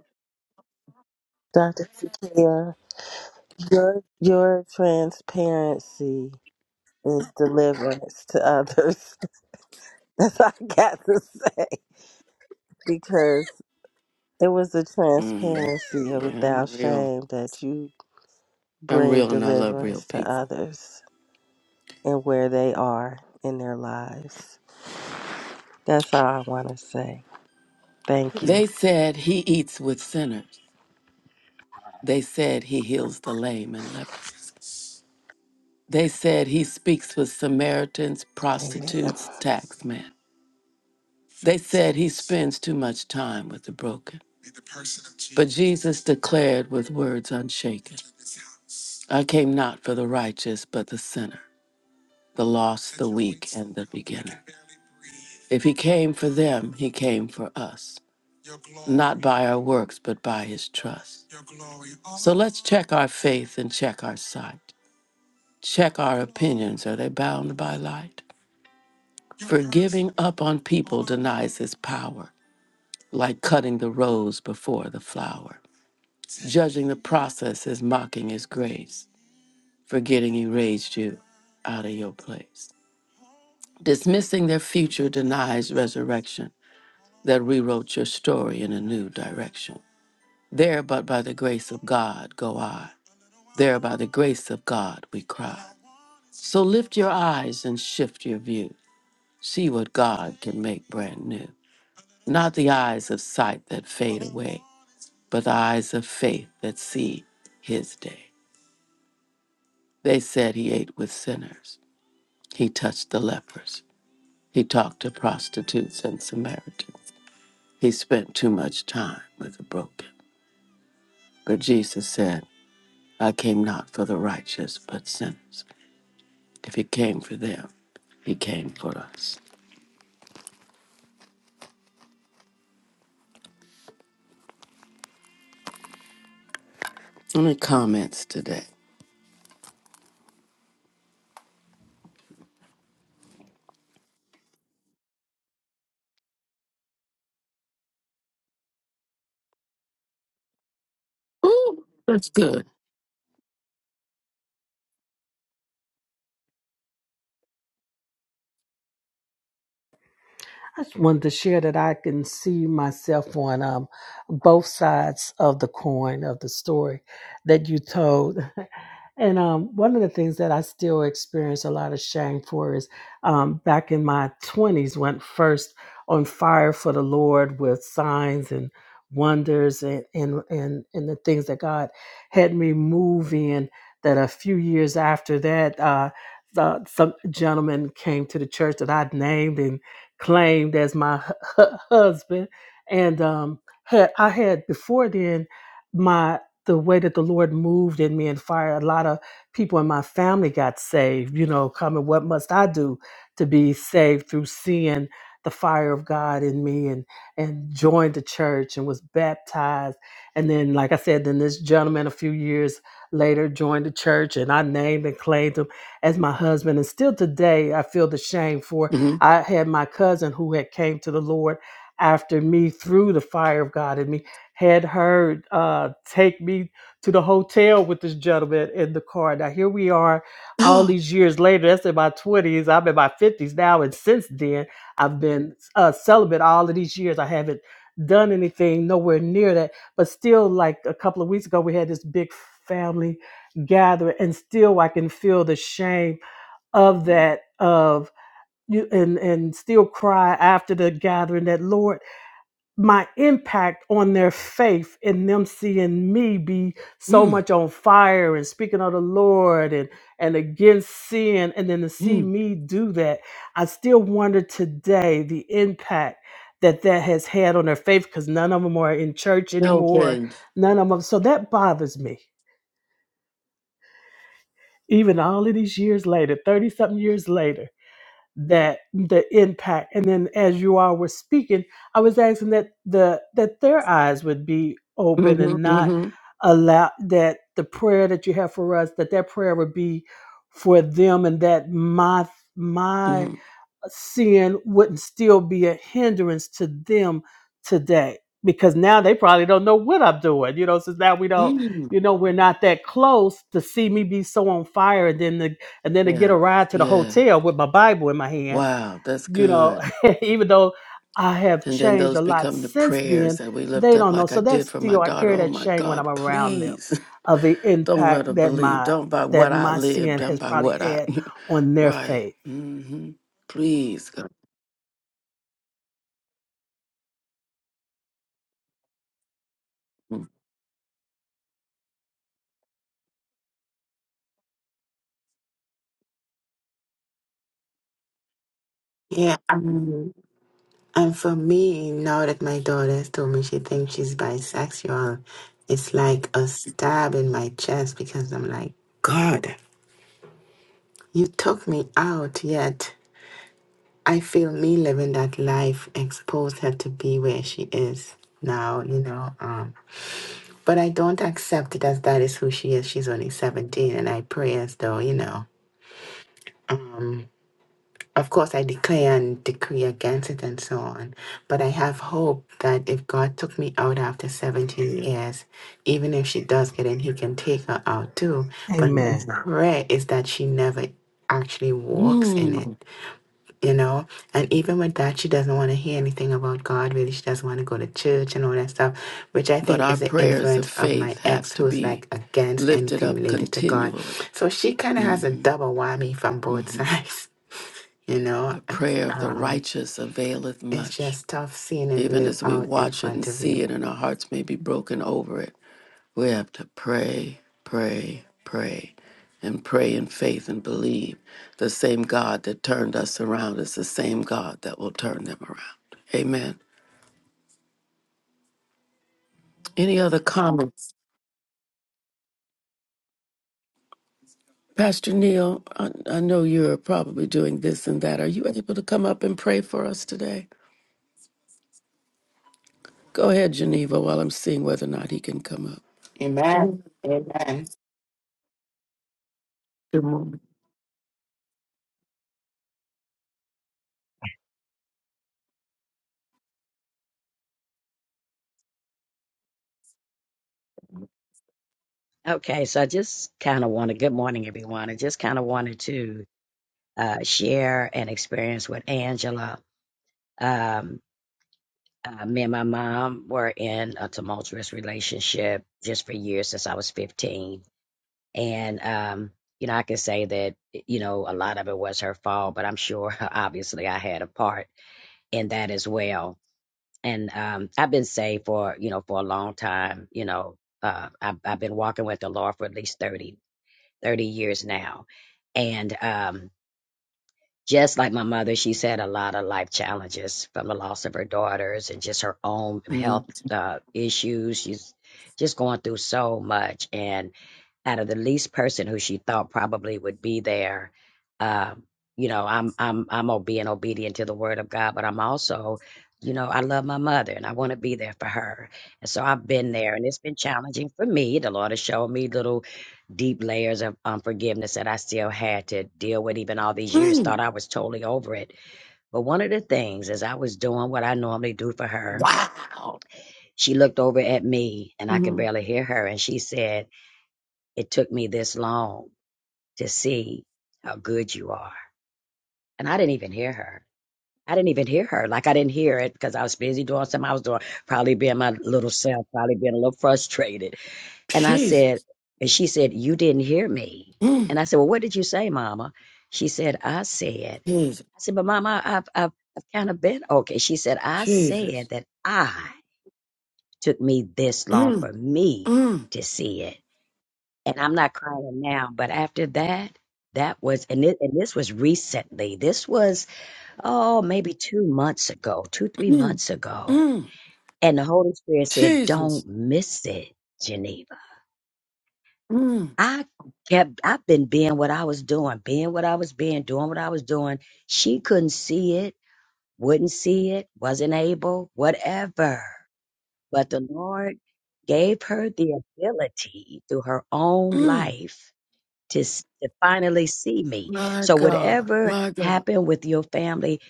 Speaker 7: Dr. Sakia, your your transparency is deliverance to others. That's all I got to say. Because it was the
Speaker 1: Mm,
Speaker 7: transparency of
Speaker 1: yeah, I'm
Speaker 7: without
Speaker 1: real.
Speaker 7: shame that you
Speaker 1: I'm
Speaker 7: bring
Speaker 1: real and I love real
Speaker 7: deliverance to
Speaker 1: people.
Speaker 7: others and where they are in their lives. That's all I want to say. Thank you.
Speaker 1: They said he eats with sinners. They said he heals the lame and lepers. They said he speaks with Samaritans,
Speaker 7: Amen.
Speaker 1: prostitutes, taxmen. They said he spends too much time with the broken. But Jesus declared with words unshaken I came not for the righteous, but the sinner. the lost, the weak, and the beginner. If he came for them, he came for us, not by our works, but by his trust. So let's check our faith and check our sight. Check our opinions. Are they bound by light? For giving up on people denies his power, like cutting the rose before the flower. Judging the process is mocking his grace, forgetting he raised you out of your place. Dismissing their future denies resurrection that rewrote your story in a new direction. There, but by the grace of God, go I. There, by the grace of God, we cry. So lift your eyes and shift your view. See what God can make brand new. Not the eyes of sight that fade away, but the eyes of faith that see his day. They said he ate with sinners, he touched the lepers, he talked to prostitutes and Samaritans. He spent too much time with the broken. But Jesus said, I came not for the righteous, but sinners. If he came for them, he came for us. Any comments today? Ooh, that's good.
Speaker 4: I just wanted to share that I can see myself on um, both sides of the coin of the story that you told. And um, one of the things that I still experience a lot of shame for is um, back in my 20s, went first on fire for the Lord with signs and wonders and, and, and, and the things that God had me move in. That a few years after that, uh, the, some gentleman came to the church that I'd named, and claimed as my hu- husband. And um, had I had before then my the way that the Lord moved in me and fire a lot of people in my family got saved. You know, coming what must I do to be saved through seeing the fire of God in me and and joined the church and was baptized. And then, like I said, then this gentleman a few years later joined the church and I named and claimed him as my husband. And still today, I feel the shame for
Speaker 1: Mm-hmm.
Speaker 4: I had my cousin who had came to the Lord after me through the fire of God in me had her uh, take me to the hotel with this gentleman in the car. Now here we are, all
Speaker 1: Oh,
Speaker 4: these years later. That's in my twenties. I'm in my fifties now, and since then I've been uh, celibate all of these years. I haven't done anything nowhere near that, but still, like a couple of weeks ago, we had this big family gathering, and still I can feel the shame of that of you and and still cry after the gathering that lord my impact on their faith and them seeing me be so
Speaker 1: mm,
Speaker 4: much on fire and speaking of the lord and and against sin and then to see
Speaker 1: mm.
Speaker 4: me do that i still wonder today the impact that that has had on their faith because none of them are in church
Speaker 1: No
Speaker 4: anymore
Speaker 1: pins.
Speaker 4: none of them so that bothers me even all of these years later 30 something years later that the impact and then as you all were speaking i was asking that the that their eyes would be open and
Speaker 1: Mm-hmm,
Speaker 4: not
Speaker 1: mm-hmm,
Speaker 4: allow that the prayer that you have for us that that prayer would be for them and that my my
Speaker 1: mm-hmm.
Speaker 4: sin wouldn't still be a hindrance to them today because now they probably don't know what I'm doing, you know, since now we don't,
Speaker 1: Mm,
Speaker 4: you know, we're not that close to see me be so on fire and then the and then to
Speaker 1: Yeah,
Speaker 4: get a ride to the
Speaker 1: yeah.
Speaker 4: hotel with my Bible in my hand
Speaker 1: Wow, that's
Speaker 4: you know,
Speaker 1: good.
Speaker 4: even though I have
Speaker 1: And then
Speaker 4: changed
Speaker 1: those
Speaker 4: a lot
Speaker 1: become the
Speaker 4: since
Speaker 1: prayers
Speaker 4: then,
Speaker 1: that we lift
Speaker 4: they
Speaker 1: up,
Speaker 4: don't know.
Speaker 1: like I
Speaker 4: So that's
Speaker 1: did for my
Speaker 4: still I
Speaker 1: daughter.
Speaker 4: carry
Speaker 1: Oh
Speaker 4: that
Speaker 1: my
Speaker 4: shame when
Speaker 1: God,
Speaker 4: I'm around them
Speaker 1: please.
Speaker 4: of the
Speaker 1: Don't let her
Speaker 4: impact that
Speaker 1: believe.
Speaker 4: my
Speaker 1: Don't by
Speaker 4: that
Speaker 1: what I
Speaker 4: my sin
Speaker 1: lived and
Speaker 4: has
Speaker 1: by
Speaker 4: probably
Speaker 1: what I,
Speaker 4: had on their
Speaker 1: right.
Speaker 4: faith.
Speaker 1: hmm Please. God.
Speaker 8: Yeah. And for me, now that my daughter's told me she thinks she's bisexual, it's like a stab in my chest because I'm like, God, you took me out, yet I feel me living that life exposed her to be where she is now, you know. Um, but I don't accept it as that is who she is. She's only 17, and I pray as though, you know. um, Of course, I declare and decree against it and so on. But I have hope that if God took me out after 17 years, even if she does get in, He can take her out too. But my
Speaker 4: Amen.
Speaker 8: Mhm. prayer is that she never actually walks in it,
Speaker 1: Mm.
Speaker 8: you know? And even with that, she doesn't want to hear anything about God, really. She doesn't want to go to church and all that stuff, which I
Speaker 1: But
Speaker 8: think
Speaker 1: our
Speaker 8: is the
Speaker 1: prayers of
Speaker 8: influence of
Speaker 1: faith
Speaker 8: my ex
Speaker 1: have to
Speaker 8: who's
Speaker 1: be
Speaker 8: like against
Speaker 1: lifted
Speaker 8: anything
Speaker 1: up
Speaker 8: related to God.
Speaker 1: continually.
Speaker 8: So she kind of has a
Speaker 1: hmm
Speaker 8: double whammy from both
Speaker 1: hmm
Speaker 8: sides. You know,
Speaker 1: The prayer of the
Speaker 8: um,
Speaker 1: righteous availeth
Speaker 8: it's
Speaker 1: much.
Speaker 8: just tough seeing it
Speaker 1: Even
Speaker 8: live
Speaker 1: as we
Speaker 8: out in
Speaker 1: watch it and
Speaker 8: front of
Speaker 1: see
Speaker 8: you.
Speaker 1: it, and our hearts may be broken over it. We have to pray, pray, pray, and pray in faith and believe the same God that turned us around is the same God that will turn them around. Amen. Any other comments? Pastor Neil, I, I know you're probably doing this and that. Are you able to come up and pray for us today? Go ahead, Geneva, while I'm seeing whether or not he can come up.
Speaker 8: Amen. Amen.
Speaker 1: Good morning.
Speaker 9: Okay, so I just kind of wanted, good morning, everyone. I just kind of wanted to uh, share an experience with Angela. Um, uh, me and my mom were in a tumultuous relationship just for years since I was 15. And, um, you know, I can say that, you know, a lot of it was her fault, but I'm sure obviously I had a part in that as well. And um, I've been saved for, you know, for a long time. You know, uh, I've, I've been walking with the Lord for at least 30 30 years now. And um, just like my mother, she's had a lot of life challenges from the loss of her daughters and just her own
Speaker 1: Mhm.
Speaker 9: health uh, issues. She's just going through so much. And out of the least person who she thought probably would be there. Um, you know, I'm I'm I'm o- being obedient to the word of God, but I'm also, you know, I love my mother and I want to be there for her. And so I've been there, and it's been challenging for me. The Lord has shown me little deep layers of unforgiveness that I still had to deal with, even all these years.
Speaker 1: Mm,
Speaker 9: Thought I was totally over it, but one of the things is I was doing what I normally do for her.
Speaker 1: wow.
Speaker 9: She looked over at me, and I could
Speaker 1: Mhm.
Speaker 9: barely hear her, and she said, "It took me this long." to see how good you are. And I didn't even hear her. I didn't even hear her. Like I didn't hear it because I was busy doing something I was doing, probably being my little self, probably being a little frustrated. And I said,
Speaker 1: Jesus.
Speaker 9: and she said, You didn't hear me.
Speaker 1: Mm,
Speaker 9: And I said, Well, what did you say, Mama? She said, I said,
Speaker 1: Jesus.
Speaker 9: I said, but Mama, I- I've, I've, I've kind of been okay. She said, I
Speaker 1: Jesus.
Speaker 9: said that I took me this long for
Speaker 1: Mm,
Speaker 9: me
Speaker 1: mm.
Speaker 9: to see it and I'm not crying now, but after that, that was and it, and this was recently. This was oh maybe two months ago, two three
Speaker 1: Mm,
Speaker 9: months ago,
Speaker 1: mm,
Speaker 9: and the Holy Spirit said,
Speaker 1: Jesus.
Speaker 9: "Don't miss it, Geneva."
Speaker 1: Mm,
Speaker 9: I kept I've been being what I was doing, being what I was being, doing what I was doing. She couldn't see it, wouldn't see it, wasn't able, whatever. But the Lord gave her the ability through her own
Speaker 1: mm,
Speaker 9: life to, s- to finally see me.
Speaker 1: my
Speaker 9: So
Speaker 1: God.
Speaker 9: whatever
Speaker 1: My God.
Speaker 9: happened with your family,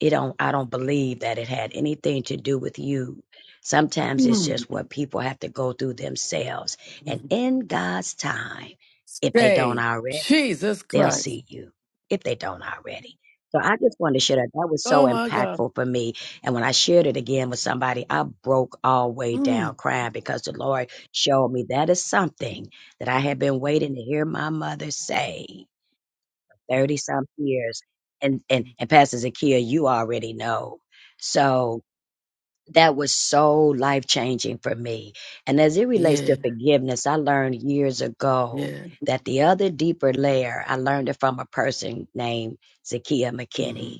Speaker 9: it don't I don't believe that it had anything to do with you. Sometimes it's
Speaker 1: Mm,
Speaker 9: just what people have to go through themselves. And
Speaker 1: mm.
Speaker 9: in God's time, if they don't
Speaker 1: Say,
Speaker 9: already
Speaker 1: Jesus
Speaker 9: they'll
Speaker 1: Christ.
Speaker 9: see you if they don't already. So I just wanted to share that. That was so
Speaker 1: Oh, my God.
Speaker 9: impactful for me. And when I shared it again with somebody, I broke all the way down
Speaker 1: Mm,
Speaker 9: crying because the Lord showed me that is something that I had been waiting to hear my mother say 30 some years. And, and,
Speaker 1: mm.
Speaker 9: and Pastor Zakia, you already know. So that was so life changing for me. And as it relates to
Speaker 1: yeah.
Speaker 9: forgiveness, I learned years ago
Speaker 1: Yeah.
Speaker 9: that the other deeper layer, I learned it from a person named Zakia
Speaker 1: hmm
Speaker 9: McKinney,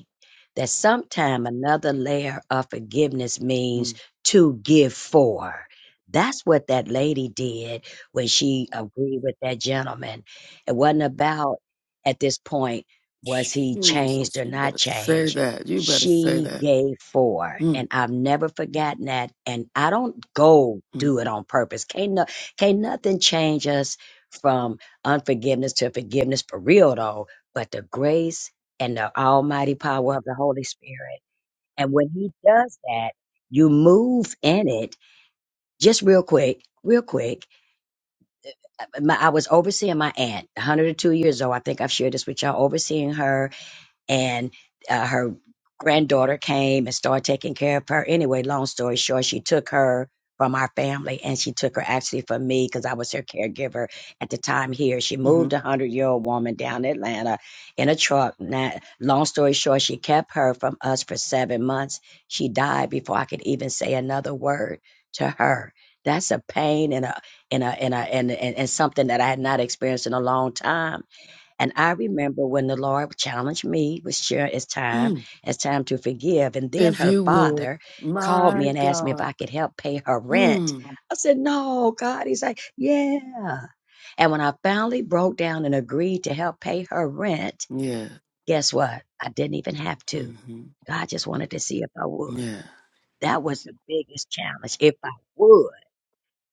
Speaker 9: that sometime another layer of forgiveness means to give for. That's what that lady did when she agreed with that gentleman. It wasn't about at this point, was he changed
Speaker 1: Jesus,
Speaker 9: or
Speaker 1: you
Speaker 9: not
Speaker 1: better say
Speaker 9: changed?
Speaker 1: that. You better say
Speaker 9: she
Speaker 1: that.
Speaker 9: gave four,
Speaker 1: Mm,
Speaker 9: And I've never forgotten that. And I don't go
Speaker 1: mm,
Speaker 9: do it on purpose. Can't, no, can't nothing change us from unforgiveness to forgiveness for real though, but the grace and the almighty power of the Holy Spirit. And when he does that, you move in it just real quick, real quick. My, I was overseeing my aunt, 102 years old. I think I've shared this with y'all, overseeing her and uh, her granddaughter came and started taking care of her. Anyway, long story short, she took her from our family and she took her actually from me because I was her caregiver at the time here. She moved
Speaker 1: mhm,
Speaker 9: a 100 year old woman down to Atlanta in a truck. Now, long story short, she kept her from us for seven months. She died before I could even say another word to her. That's a pain and a and a and a and, and, and something that I had not experienced in a long time and I remember when the Lord challenged me, was sure it's time,
Speaker 1: mm.
Speaker 9: it's time to forgive. And then
Speaker 1: If
Speaker 9: her
Speaker 1: you would,
Speaker 9: father called me
Speaker 1: my
Speaker 9: and asked me if
Speaker 1: God.
Speaker 9: I could help pay her rent.
Speaker 1: Mm,
Speaker 9: I said, No, God. He's like, Yeah. And when I finally broke down and agreed to help pay her rent,
Speaker 1: yeah.
Speaker 9: guess what? I didn't even have to.
Speaker 1: hmm
Speaker 9: God just wanted to see if I would.
Speaker 1: Yeah.
Speaker 9: That was the biggest challenge, if I would.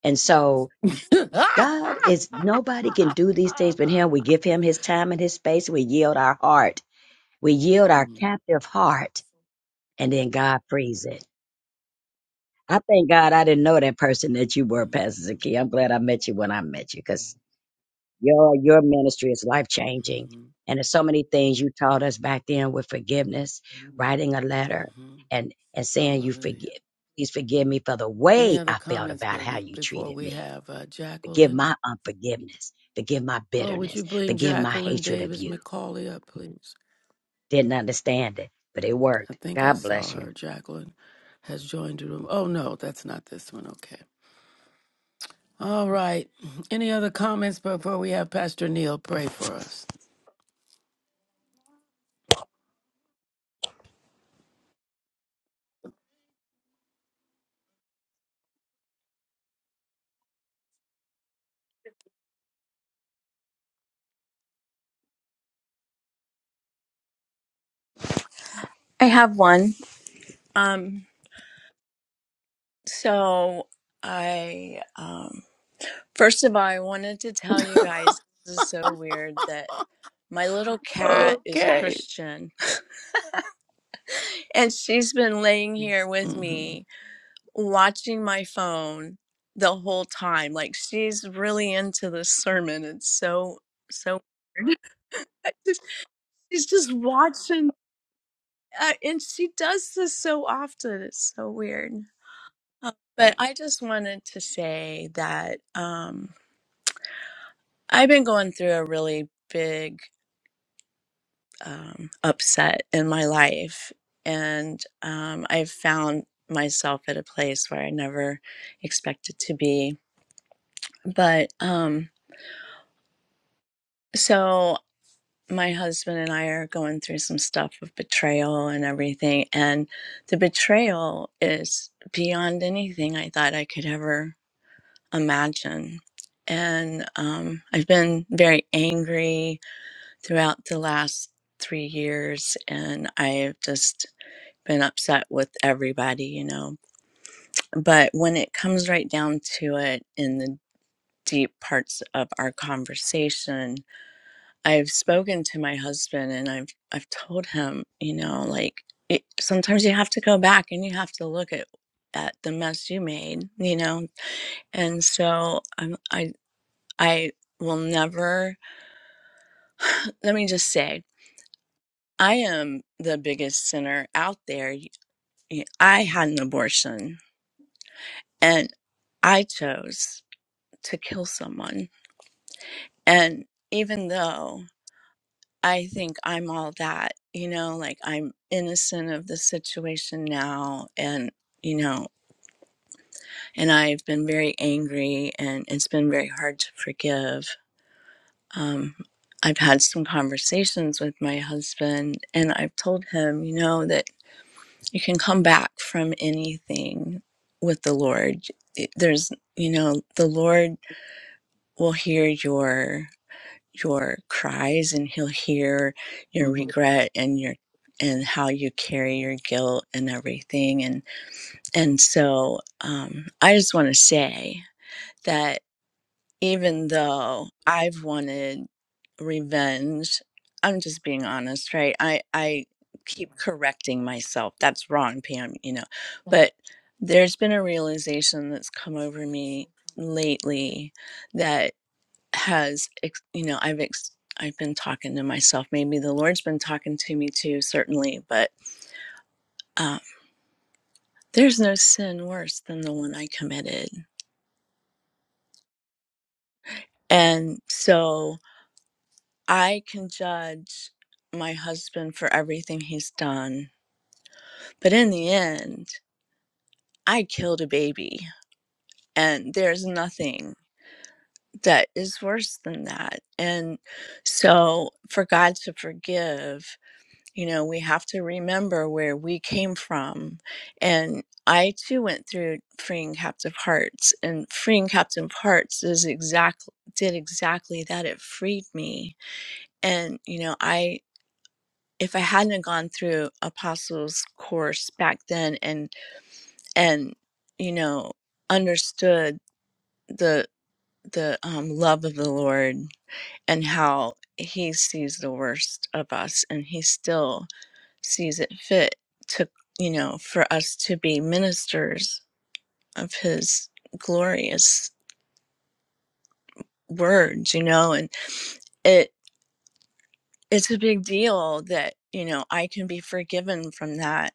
Speaker 9: And so God is nobody can do these things but Him. We give Him His time and His space. We yield our heart we yield our
Speaker 1: Mm,
Speaker 9: captive heart and then God frees it. I thank God I didn't know that person that you were,
Speaker 1: mhm,
Speaker 9: Pastor Zaki. I'm glad I met you when I met you
Speaker 1: mhm,
Speaker 9: because your, your ministry is life changing.
Speaker 1: mhm.
Speaker 9: And there's so many things you taught us back then with forgiveness, writing a letter
Speaker 1: Mm-hmm.
Speaker 9: and, and saying you
Speaker 1: Hallelujah.
Speaker 9: forgive, please forgive me for the
Speaker 1: Any
Speaker 9: way
Speaker 1: other
Speaker 9: I felt
Speaker 1: comments
Speaker 9: about
Speaker 1: but
Speaker 9: how
Speaker 1: we,
Speaker 9: you
Speaker 1: before
Speaker 9: treated
Speaker 1: we
Speaker 9: me.
Speaker 1: have uh,
Speaker 9: Forgive
Speaker 1: Jacqueline?
Speaker 9: my unforgiveness. Forgive my
Speaker 1: Oh, would you
Speaker 9: bitterness.
Speaker 1: bring
Speaker 9: Forgive my
Speaker 1: Jacqueline
Speaker 9: hatred of
Speaker 1: Davis
Speaker 9: you.
Speaker 1: McCauley up, please?
Speaker 9: Didn't understand it, but it
Speaker 1: I
Speaker 9: worked.
Speaker 1: think I
Speaker 9: God
Speaker 1: saw
Speaker 9: bless you.
Speaker 1: her. Jacqueline has joined the room. Oh, no, that's not this one. Okay. All right. Any other comments before we have Pastor Neil pray for us?
Speaker 10: I have one. Um, so I um first of all I wanted to tell you guys this is so weird that my little cat is
Speaker 1: Okay.
Speaker 10: Christian and she's been laying here with
Speaker 1: Mm-hmm.
Speaker 10: me watching my phone the whole time. Like she's really into this sermon. It's so so weird. I just- she's just watching uh, and she does this so often. It's so weird. Uh, But I just wanted to say that um, I've been going through a really big um, upset in my life, and um, I've found myself at a place where I never expected to be. But um, so my husband and I are going through some stuff with betrayal and everything, and the betrayal is beyond anything I thought I could ever imagine. And um, I've been very angry throughout the last three years, and I've just been upset with everybody, you know. But when it comes right down to it, in the deep parts of our conversation, I've spoken to my husband, and I've I've told him, you know, like it, sometimes you have to go back and you have to look at at the mess you made, you know, and so I'm, i I will never, let me just say, I am the biggest sinner out there. Y- y- I had an abortion and I chose to kill someone. And even though I think I'm all that, you know, like I'm innocent of the situation now and you know, and I've been very angry and it's been very hard to forgive Um, I've had some conversations with my husband, and I've told him, you know, that you can come back from anything with the Lord. It- There's, you know, the Lord will hear your your cries, and He'll hear your
Speaker 1: Mm-hmm.
Speaker 10: regret and your and how you carry your guilt and everything. And and so um, I just want to say. that. even though I've wanted revenge, I'm just being honest, right? I I keep correcting myself. That's wrong, Pam, you know. But there's been a realization that's come over me lately that has, ex- you know, I've ex- I've been talking to myself. Maybe the Lord's been talking to me too, certainly. But um, there's no sin worse than the one I committed, and so I can judge my husband for everything he's done, but in the end, I killed a baby, and there's nothing that is worse than that. And so, for God to forgive, you know, we have to remember where we came from. And I too went through freeing captive hearts, and freeing captive hearts is exactly did exactly that. It freed me, and you know, I if I hadn't gone through apostles course back then and and you know understood the the um, love of the Lord and how he sees the worst of us and he still sees it fit to you know for us to be ministers of his glorious words you know and it it's a big deal that you know I can be forgiven from that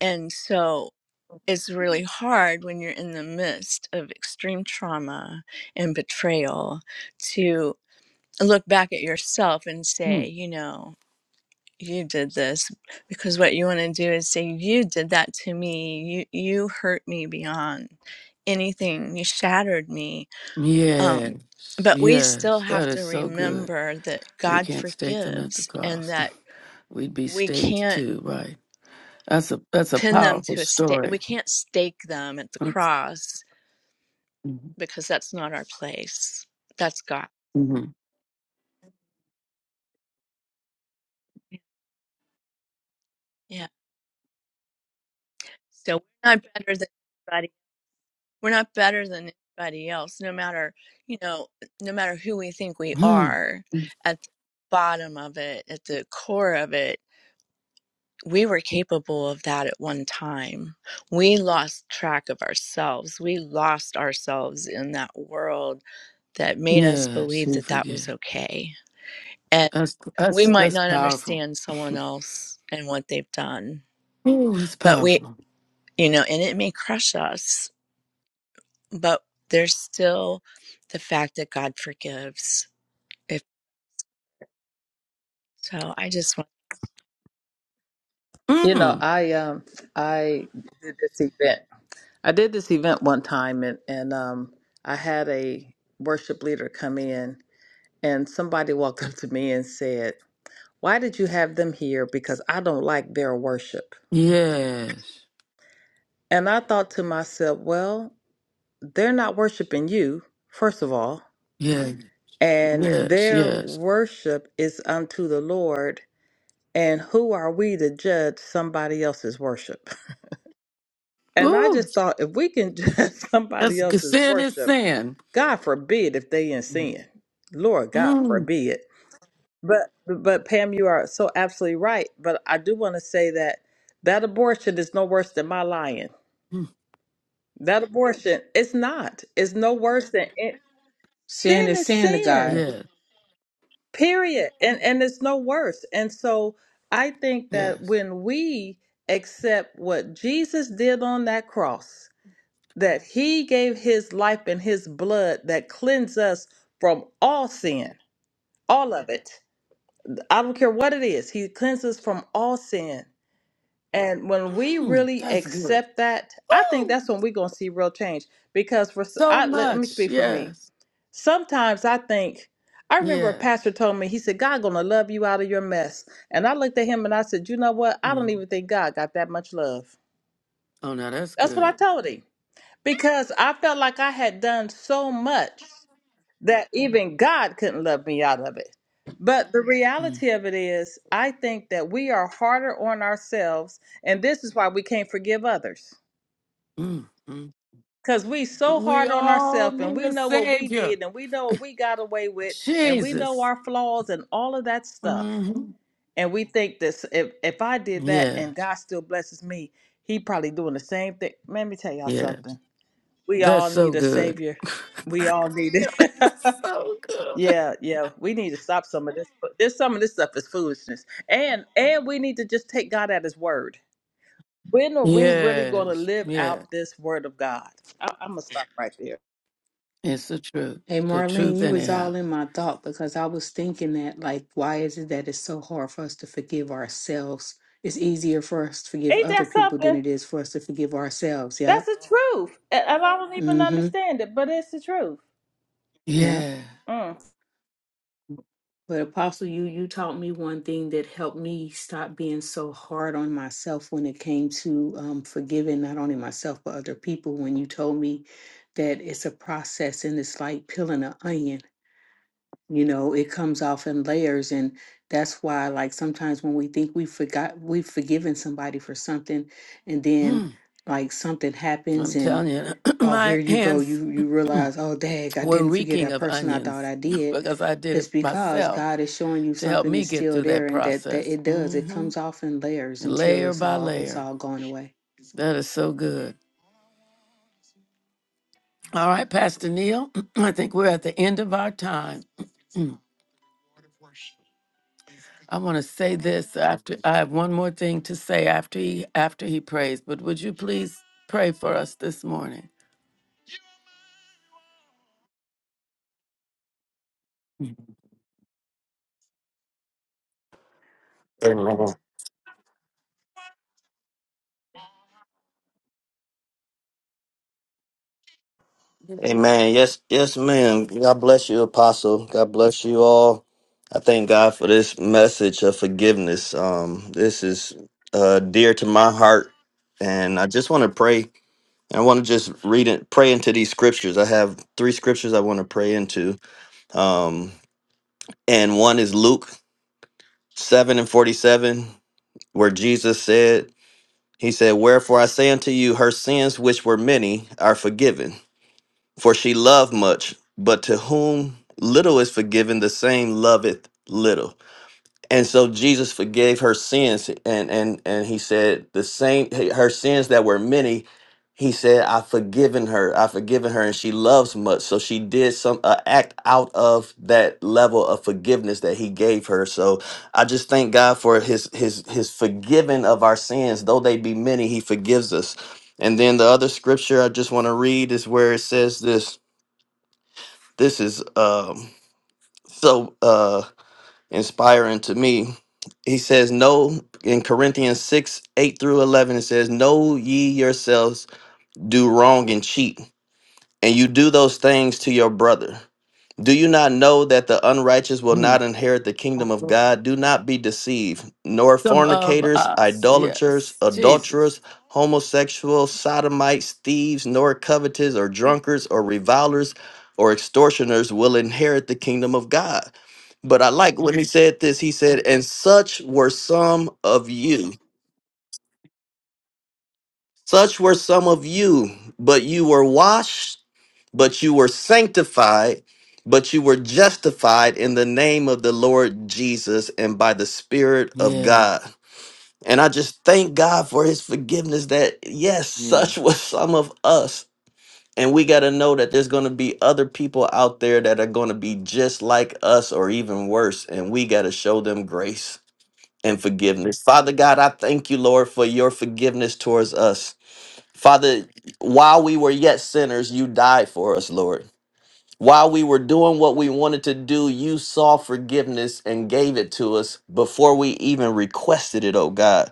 Speaker 10: and so it's really hard when you're in the midst of extreme trauma and betrayal to look back at yourself and say,
Speaker 1: Mm.
Speaker 10: you know, you did this because what you want to do is say you did that to me. You you hurt me beyond anything. You shattered me. Um
Speaker 1: Yes,
Speaker 10: but we still
Speaker 1: yes,
Speaker 10: have
Speaker 1: that
Speaker 10: to
Speaker 1: is so good.
Speaker 10: remember that
Speaker 1: We
Speaker 10: God
Speaker 1: can't stake them at the
Speaker 10: forgives and
Speaker 1: cross.
Speaker 10: that
Speaker 1: We'd be
Speaker 10: we
Speaker 1: staked
Speaker 10: can't
Speaker 1: too, right? That's a that's a
Speaker 10: pin them
Speaker 1: powerful
Speaker 10: to a stake. We
Speaker 1: story.
Speaker 10: can't stake them at the cross
Speaker 1: Mm-hmm.
Speaker 10: because that's not our place. That's God.
Speaker 1: Mm-hmm.
Speaker 10: Yeah. So we're not better than anybody. We're not better than anybody else, no matter, you know, no matter who we think we
Speaker 1: Hmm.
Speaker 10: are at the bottom of it, at the core of it. We were capable of that at one time. We lost track of ourselves. We lost ourselves in that world that made us
Speaker 1: Yes,
Speaker 10: believe
Speaker 1: we
Speaker 10: that that
Speaker 1: forget.
Speaker 10: was okay. And
Speaker 1: That's
Speaker 10: we
Speaker 1: that's
Speaker 10: might
Speaker 1: that's
Speaker 10: not
Speaker 1: powerful.
Speaker 10: understand someone else and what they've done
Speaker 1: Oh, it's
Speaker 10: but we
Speaker 1: powerful.
Speaker 10: you know and it may crush us but there's still the fact that god forgives if so i just
Speaker 3: You know,
Speaker 1: Mm.
Speaker 3: I um, I did this event. I did this event one time, and and um, I had a worship leader come in, and somebody walked up to me and said, "Why did you have them here? Because I don't like their worship."
Speaker 1: Yes,
Speaker 3: And I thought to myself, well, they're not worshiping you, first of all
Speaker 1: yes,
Speaker 3: and
Speaker 1: yes,
Speaker 3: their
Speaker 1: yes.
Speaker 3: worship is unto the Lord. And who are we to judge somebody else's worship? And I
Speaker 1: Ooh,
Speaker 3: just thought if we can judge somebody
Speaker 1: that's
Speaker 3: else's
Speaker 1: sin is
Speaker 3: worship,
Speaker 1: sin.
Speaker 3: God forbid if they in
Speaker 1: Mm.
Speaker 3: sin. Lord God
Speaker 1: Mm.
Speaker 3: forbid. But but Pam, you are so absolutely right. But I do want to say that that abortion is no worse than my lying.
Speaker 1: Hmm.
Speaker 3: That abortion, it's not. It's no worse than it.
Speaker 2: Sin
Speaker 3: sin
Speaker 2: is
Speaker 3: is
Speaker 2: sin to
Speaker 3: sin.
Speaker 2: God.
Speaker 1: Yes,
Speaker 3: period and and it's no worse and so i think that
Speaker 1: yes.
Speaker 3: when we accept what jesus did on that cross that he gave his life and his blood that cleanse us from all sin all of it i don't care what it is he cleanses from all sin and when we
Speaker 1: Mm.
Speaker 3: really
Speaker 1: That's good.
Speaker 3: accept that i think
Speaker 1: Woo!
Speaker 3: that's when we're going to see real change because for s-
Speaker 1: So
Speaker 3: I, let, let me
Speaker 1: much.
Speaker 3: speak for me
Speaker 1: Yes.
Speaker 3: Sometimes I think, I remember a
Speaker 1: Yeah.
Speaker 3: pastor told me, he said, God gonna love you out of your mess. And I looked at him and I said, You know what? I don't
Speaker 1: Mm.
Speaker 3: even think God got that much love.
Speaker 1: Oh, now that's
Speaker 3: That's what I
Speaker 1: good.
Speaker 3: told him. Because I felt like I had done so much that even God couldn't love me out of it. But the
Speaker 1: Mm,
Speaker 3: reality of it is, I think that we are harder on ourselves, and this is why we can't forgive others.
Speaker 1: mm, mm.
Speaker 3: Cause we so
Speaker 1: We
Speaker 3: hard on
Speaker 1: all
Speaker 3: ourselves and
Speaker 1: need
Speaker 3: we
Speaker 1: a
Speaker 3: know what we
Speaker 1: savior.
Speaker 3: did and we know what we got away with and we know
Speaker 1: Jesus.
Speaker 3: our flaws and all of that stuff.
Speaker 1: hmm
Speaker 3: And we think this if if I did that
Speaker 1: Yeah.
Speaker 3: and God still blesses me, he probably doing the same thing. Let me tell y'all
Speaker 1: Yeah.
Speaker 3: something. We
Speaker 1: That's
Speaker 3: all
Speaker 1: so
Speaker 3: need a
Speaker 1: good.
Speaker 3: savior. We all need it.
Speaker 1: so good.
Speaker 3: yeah, yeah. We need to stop some of this. There's some of this stuff is foolishness. And and we need to just take God at his word. When are we really gonna
Speaker 1: Yes.
Speaker 3: live
Speaker 1: Yeah.
Speaker 3: out this word of God? I, I'm gonna stop right there.
Speaker 1: It's the truth.
Speaker 2: Hey,
Speaker 1: The
Speaker 2: Marlene,
Speaker 1: truth,
Speaker 2: you was
Speaker 1: anyhow.
Speaker 2: all in my thought because I was thinking that, like, why is it that it's so hard for us to forgive ourselves? It's easier for us to forgive
Speaker 3: Ain't
Speaker 2: other
Speaker 3: that
Speaker 2: people than
Speaker 3: something?
Speaker 2: it is for us to forgive ourselves. Yeah.
Speaker 3: That's the truth. And and I don't even
Speaker 2: Mm-hmm.
Speaker 3: understand it, but it's the truth.
Speaker 2: Yeah.
Speaker 1: Yeah.
Speaker 3: Mm.
Speaker 2: But Apostle, you you taught me one thing that helped me stop being so hard on myself when it came to um, forgiving not only myself but other people. When you told me that it's a process and it's like peeling an onion, you know, it comes off in layers, and that's why like sometimes when we think we forgot we've forgiven somebody for something, and then
Speaker 1: Mm.
Speaker 2: like something happens
Speaker 1: I'm telling you,
Speaker 2: oh here
Speaker 1: my
Speaker 2: you go
Speaker 1: hands
Speaker 2: you you realize oh dang i
Speaker 1: were
Speaker 2: didn't forget
Speaker 1: reeking
Speaker 2: that
Speaker 1: of
Speaker 2: person i thought
Speaker 1: onions
Speaker 2: i did
Speaker 1: because I did it
Speaker 2: it's because
Speaker 1: myself
Speaker 2: god is showing you
Speaker 1: to help
Speaker 2: something
Speaker 1: me
Speaker 2: is
Speaker 1: get
Speaker 2: still
Speaker 1: through
Speaker 2: there
Speaker 1: that
Speaker 2: and that that
Speaker 1: process.
Speaker 2: it does it
Speaker 1: Mm-hmm.
Speaker 2: comes off in layers until
Speaker 1: layer
Speaker 2: it's
Speaker 1: by
Speaker 2: all it's
Speaker 1: layer.
Speaker 2: all gone away
Speaker 1: That is so good. All right, Pastor Neil, I think we're at the end of our time. Mm. I want to say this after I have one more thing to say after he after he prays, but would you please pray for us this morning?
Speaker 11: Amen. Amen. Yes, yes, ma'am. God bless you, Apostle. God bless you all. I thank God for this message of forgiveness. Um, this is uh, dear to my heart, and I just want to pray. I want to just read it, pray into these scriptures. I have three scriptures I want to pray into, um, and one is Luke seven and forty-seven, where Jesus said, "He said, Wherefore I say unto you, her sins which were many are forgiven." For she loved much, but to whom little is forgiven, the same loveth little. And so Jesus forgave her sins, and and and he said the same her sins that were many. He said, "I've forgiven her. I've forgiven her, and she loves much." So she did some uh, act out of that level of forgiveness that he gave her. So I just thank God for his his his forgiving of our sins, though they be many. He forgives us. And then the other scripture I just want to read is where it says this this is um, so uh, inspiring to me. He says, No, in Corinthians 6 8 through 11, it says, Know ye yourselves, do wrong and cheat, and you do those things to your brother. Do you not know that the unrighteous will
Speaker 1: Hmm.
Speaker 11: not inherit the kingdom of God? Do not be deceived, nor
Speaker 1: Some of
Speaker 11: fornicators,
Speaker 1: us,
Speaker 11: idolaters,
Speaker 1: yes,
Speaker 11: adulterers,
Speaker 1: Jesus,
Speaker 11: homosexuals, sodomites, thieves, nor covetous, or drunkards, or revilers, or extortioners will inherit the kingdom of God. But I like when he said this. He said, And such were some of you. Such were some of you, but you were washed, but you were sanctified, but you were justified in the name of the Lord Jesus and by the Spirit of
Speaker 1: yeah,
Speaker 11: God. And I just thank God for his forgiveness that, yes,
Speaker 1: yeah,
Speaker 11: such was some of us. And we got to know that there's going to be other people out there that are going to be just like us or even worse. And we got to show them grace and forgiveness. Father God, I thank you, Lord, for your forgiveness towards us. Father, while we were yet sinners, you died for us, Lord. While we were doing what we wanted to do, you saw forgiveness and gave it to us before we even requested it, oh God.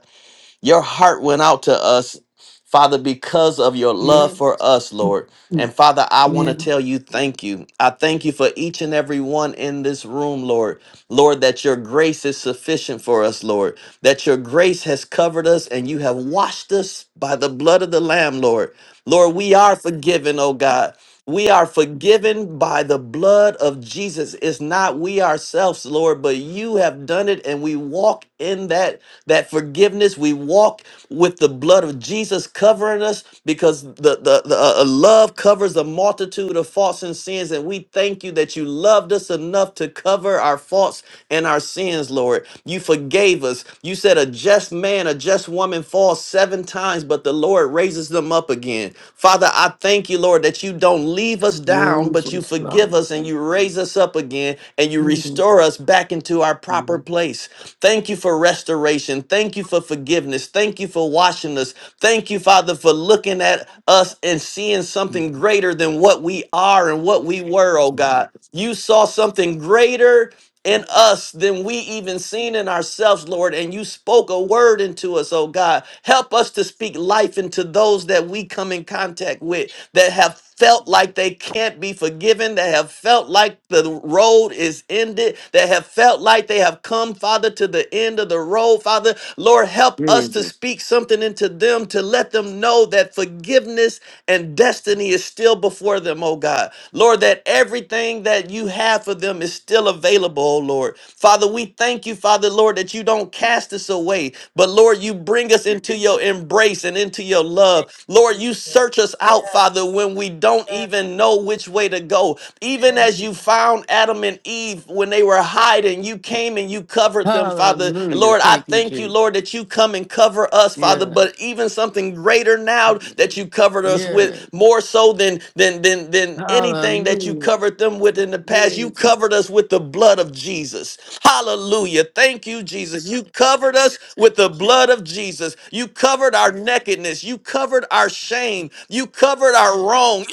Speaker 11: Your heart went out to us, Father, because of your love
Speaker 1: yeah,
Speaker 11: for us, Lord.
Speaker 1: Mm.
Speaker 11: And Father, I want to
Speaker 1: yeah.
Speaker 11: tell you thank you. I thank you for each and every one in this room, Lord. Lord, that your grace is sufficient for us, Lord. That your grace has covered us and you have washed us by the blood of the Lamb, Lord. Lord, we are forgiven, oh God. We are forgiven by the blood of Jesus. It's not we ourselves, Lord, but you have done it, and we walk in that that forgiveness. We walk with the blood of Jesus covering us because the, the, the uh, uh, love covers a multitude of faults and sins. And we thank you that you loved us enough to cover our faults and our sins, Lord. You forgave us. You said a just man, a just woman falls seven times, but the Lord raises them up again. Father, I thank you, Lord, that you don't leave us down, but you
Speaker 1: Jesus, Lord.
Speaker 11: forgive us and you raise us up again and you restore us back into our proper place. Thank you for restoration. Thank you for forgiveness. Thank you for washing us. Thank you, Father, for looking at us and seeing something greater than what we are and what we were, oh God. You saw something greater in us than we even seen in ourselves, Lord. And you spoke a word into us, oh God. Help us to speak life into those that we come in contact with that have felt like they can't be forgiven, that have felt like the road is ended, that have felt like they have come, Father, to the end of the road, Father. Lord, help us to
Speaker 1: Jesus.
Speaker 11: speak something into them to let them know that forgiveness and destiny is still before them, oh God. Lord, that everything that you have for them is still available, oh Lord. Father, we thank you, Father, Lord, that you don't cast us away, but Lord, you bring us into your embrace and into your
Speaker 3: Thank
Speaker 11: love.
Speaker 3: you,
Speaker 11: Lord,
Speaker 3: Jesus.
Speaker 11: you search us out,
Speaker 3: Yes,
Speaker 11: Father, when we don't
Speaker 3: yes,
Speaker 11: even know which way to go. Even
Speaker 3: thank
Speaker 11: as you found Adam and Eve when they were hiding, you came and you covered them, Father. Father. And
Speaker 1: Hallelujah!
Speaker 11: Lord, I
Speaker 1: Thank you,
Speaker 11: thank you,
Speaker 1: Jesus.
Speaker 11: Lord, that you come and cover us, Father,
Speaker 1: Yeah.
Speaker 11: but even something greater now that you covered us with,
Speaker 1: Yeah.
Speaker 11: more so than than than than anything that you
Speaker 1: Hallelujah.
Speaker 11: covered them with in the past. You
Speaker 1: Jesus.
Speaker 11: covered us with the blood of Jesus. Hallelujah. Thank you, Jesus. You covered us with the blood of Jesus. You covered our nakedness. You covered our shame. You covered our wrong.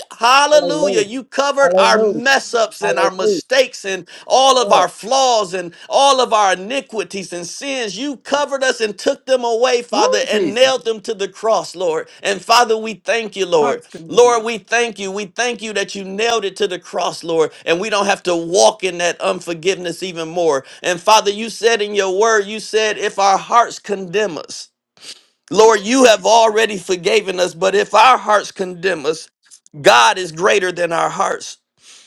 Speaker 9: Hallelujah.
Speaker 11: Hallelujah. You covered our
Speaker 9: Hallelujah.
Speaker 11: mess ups and our
Speaker 9: Hallelujah.
Speaker 11: mistakes and all of
Speaker 9: Yes.
Speaker 11: our flaws and all of our iniquities and sins. You covered us and took them away, Father,
Speaker 1: Who
Speaker 11: and
Speaker 1: Jesus?
Speaker 11: nailed them to the cross, Lord. And Father, we thank you, Lord.
Speaker 1: Hearts condemn
Speaker 11: Lord,
Speaker 1: us.
Speaker 11: we thank you. We thank you that you nailed it to the cross, Lord, and we don't have to walk in that unforgiveness even more. And Father, you said in your word, you said, if our hearts condemn us, Lord, you have already forgiven us, but if our hearts condemn us, God is greater than our hearts.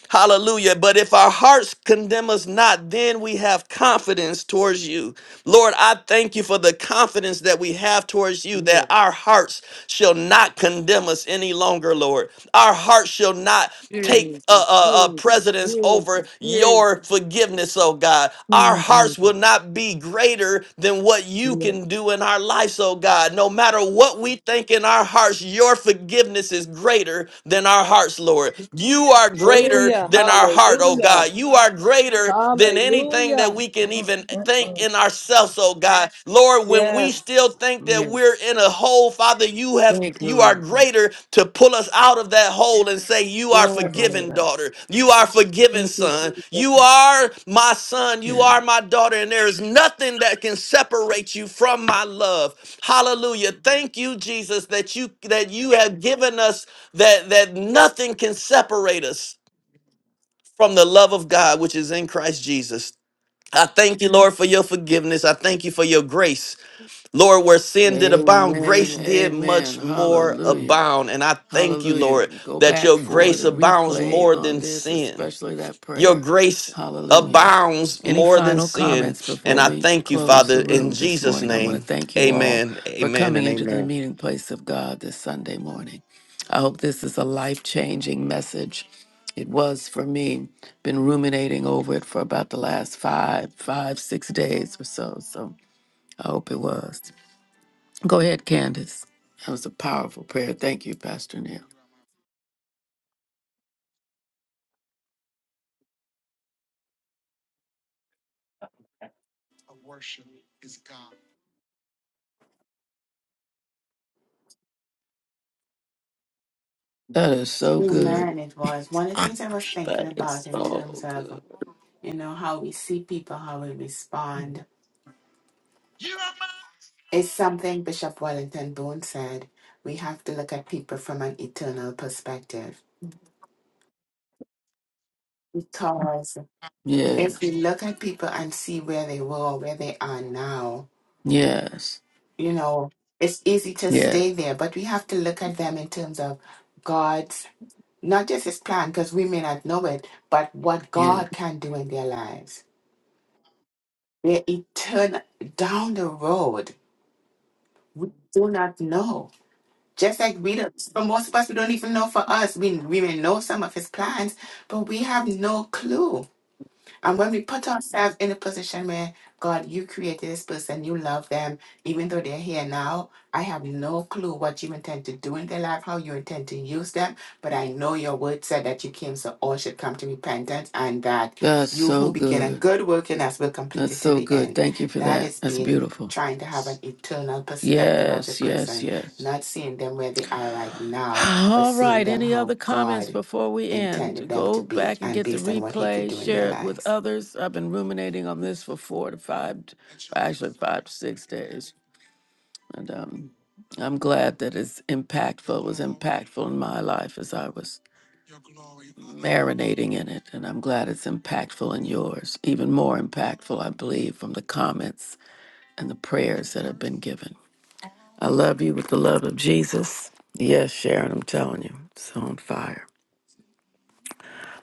Speaker 11: Hallelujah. But if our hearts condemn us not, then we have confidence towards you. Lord, I thank you for the confidence that we have towards you that
Speaker 1: Yeah.
Speaker 11: our hearts shall not condemn us any longer, Lord. Our hearts shall not take
Speaker 1: Jesus.
Speaker 11: uh, uh, uh,
Speaker 1: Jesus.
Speaker 11: precedence over
Speaker 1: Jesus.
Speaker 11: your
Speaker 1: Jesus.
Speaker 11: forgiveness, oh God. Our
Speaker 1: Hmm,
Speaker 11: hearts will
Speaker 1: Jesus.
Speaker 11: not be greater than what you
Speaker 1: Yeah.
Speaker 11: can do in our lives, oh God. No matter what we think in our hearts, your forgiveness is greater than our hearts, Lord. Lord. You are
Speaker 3: you.
Speaker 11: greater
Speaker 3: Hallelujah.
Speaker 11: than our heart, oh
Speaker 3: Hallelujah.
Speaker 11: God. You are greater than anything that
Speaker 3: Hallelujah.
Speaker 11: we can even think
Speaker 3: Mm-mm.
Speaker 11: in ourselves, oh God. Lord, when we still
Speaker 3: Yes,
Speaker 11: think that
Speaker 1: Yeah.
Speaker 11: we're in a hole, Father, you have
Speaker 1: Thank you,
Speaker 11: you are
Speaker 1: Lord God.
Speaker 11: greater to pull us out of that hole and say, You are
Speaker 3: yes.
Speaker 1: Separate
Speaker 11: forgiven,
Speaker 1: us.
Speaker 11: daughter. You are forgiven,
Speaker 3: Thank you,
Speaker 11: son. You
Speaker 3: Jesus.
Speaker 11: are my son. You
Speaker 1: Yeah.
Speaker 11: are my daughter. And there is nothing that can separate you from my love. Hallelujah. Thank you, Jesus, that you that you have given us that that nothing can separate us from the love of God which is in Christ Jesus. I thank you, Lord, for your forgiveness. I thank you for your grace. Lord, where sin did abound,
Speaker 1: Amen.
Speaker 11: grace did
Speaker 1: Amen.
Speaker 11: much more
Speaker 1: Hallelujah.
Speaker 11: abound. And I thank you,
Speaker 1: Hallelujah.
Speaker 11: Lord,
Speaker 1: Go
Speaker 11: that
Speaker 1: back
Speaker 11: your
Speaker 1: for
Speaker 11: grace
Speaker 1: the
Speaker 11: abounds
Speaker 1: replay
Speaker 11: more
Speaker 1: on
Speaker 11: than
Speaker 1: this,
Speaker 11: sin.
Speaker 1: especially that
Speaker 11: Your
Speaker 1: prayer.
Speaker 11: grace
Speaker 1: Hallelujah.
Speaker 11: abounds
Speaker 1: Any
Speaker 11: more than
Speaker 1: final
Speaker 11: sin.
Speaker 1: comments
Speaker 11: And
Speaker 1: before
Speaker 11: I
Speaker 1: we
Speaker 11: thank you,
Speaker 1: close
Speaker 11: Father,
Speaker 1: the
Speaker 11: in
Speaker 1: room this
Speaker 11: Jesus'
Speaker 1: morning? I want to
Speaker 11: name.
Speaker 1: thank you all
Speaker 11: Amen,
Speaker 1: for
Speaker 11: amen,
Speaker 1: coming
Speaker 11: and
Speaker 1: into the
Speaker 11: amen.
Speaker 1: meeting place of God this Sunday morning. I hope this is a life changing message. It was for me. Been ruminating over it for about the last five, five, six days or so. So I hope it was. Go ahead, Candace. That was a powerful prayer. Thank you, Pastor Neil. That is so good.
Speaker 8: Amen. It was one of the things I was thinking
Speaker 1: That is
Speaker 8: about in
Speaker 1: so
Speaker 8: terms
Speaker 1: good.
Speaker 8: of, you know, how we see people, how we respond. It's something Bishop Wellington Boone said. We have to look at people from an eternal perspective. Because
Speaker 1: Yeah.
Speaker 8: if we look at people and see where they were, or where they are now,
Speaker 1: Yes.
Speaker 8: you know, it's easy to
Speaker 1: Yeah.
Speaker 8: stay there, but we have to look at them in terms of God's Not just his plan, because we may not know it, but what
Speaker 1: Yeah.
Speaker 8: God can do in their lives. They're eternal down the road. We do not know. Just like we don't, for most of us, we don't even know for us. We, we may know some of his plans, but we have no clue And when we put ourselves in a position where, God, you created this person, you love them, even though they're here now, I have no clue what you intend to do in their life, how you intend to use them, but I know your word said that you came so all should come to repentance and that
Speaker 1: That's
Speaker 8: you
Speaker 1: so
Speaker 8: who begin a
Speaker 1: good.
Speaker 8: good work in us will complete
Speaker 1: That's
Speaker 8: it to
Speaker 1: so
Speaker 8: the
Speaker 1: good.
Speaker 8: end.
Speaker 1: Thank you for
Speaker 8: That
Speaker 1: that.
Speaker 8: is
Speaker 1: That's
Speaker 8: being
Speaker 1: beautiful.
Speaker 8: trying to have an eternal perspective of the
Speaker 1: Yes. Yes.
Speaker 8: person,
Speaker 1: Yes.
Speaker 8: not seeing them where they are right now, but
Speaker 1: All
Speaker 8: seeing
Speaker 1: right.
Speaker 8: them
Speaker 1: Any other
Speaker 8: how
Speaker 1: comments
Speaker 8: God
Speaker 1: before we end?
Speaker 8: intended them to
Speaker 1: Go
Speaker 8: be
Speaker 1: back and
Speaker 8: and
Speaker 1: get the
Speaker 8: based on what he could
Speaker 1: replay.
Speaker 8: do in their
Speaker 1: Share it with
Speaker 8: lives.
Speaker 1: others. I've been ruminating on this for four to five, actually five to six days, and um, I'm glad that it's impactful. It was impactful in my life as I was marinating in it, and I'm glad it's impactful in yours. Even more impactful, I believe, from the comments and the prayers that have been given. I love you with the love of Jesus. Yes, Sharon, I'm telling you, it's on fire.